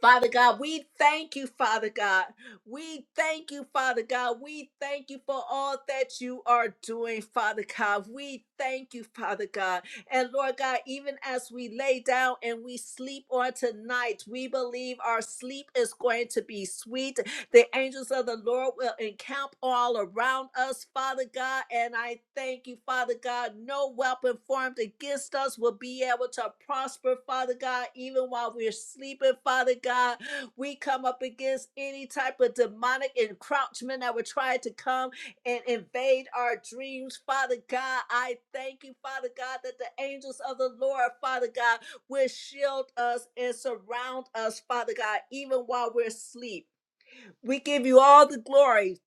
A: Father God, we thank you, Father God. We thank you, Father God. We thank you for all that you are doing, Father God. We thank you, Father God. And Lord God, even as we lay down and we sleep on tonight, we believe our sleep is going to be sweet the angels of the Lord will encamp all around us, Father God. And I thank you, Father God. No weapon formed against us will be able to prosper, Father God, even while we're sleeping, Father God. We come up against any type of demonic encroachment that would try to come and invade our dreams, Father God. I thank you, Father God, that the angels of the Lord, Father God, will shield us and surround us, Father God, even while we're asleep. We give you all the glory,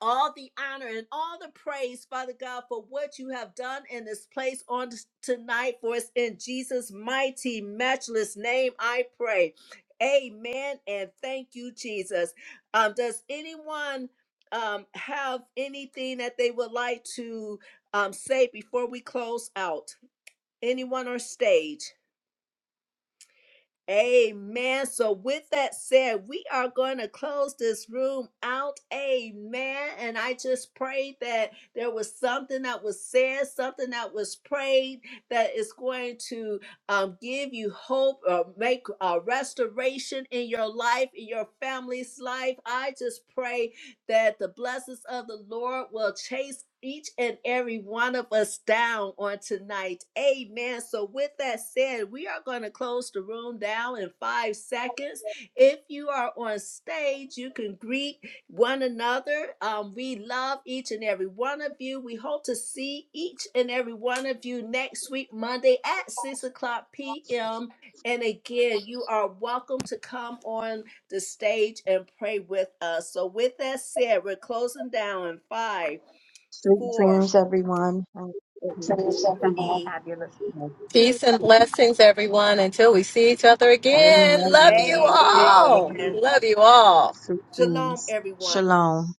A: all the honor, and all the praise, Father God, for what you have done in this place on t- tonight for us. In Jesus' mighty, matchless name, I pray. Amen. And thank you, Jesus. Um, does anyone um, have anything that they would like to um, say before we close out? Anyone on stage? Amen. So, with that said, we are going to close this room out. Amen. And I just pray that there was something that was said, something that was prayed that is going to um, give you hope or make a restoration in your life, in your family's life. I just pray that the blessings of the Lord will chase each and every one of us down on tonight. Amen. So, with that said, we are going to close the room down in five seconds. If you are on stage, you can greet one another. Um, we love each and every one of you. We hope to see each and every one of you next week, Monday at 6 o'clock p.m. And again, you are welcome to come on the stage and pray with us. So, with that said, we're closing down in five,
C: Sweet
A: four,
C: dreams, everyone. Have a
A: three,
C: Fabulous. day.
A: two,
D: Peace and blessings, everyone. Until we see each other
C: Amen.
D: again, love you
C: Love you all.
D: all.
A: amen.
D: Love you all.
C: Sweet
A: Shalom,
C: dreams.
A: everyone.
C: Shalom.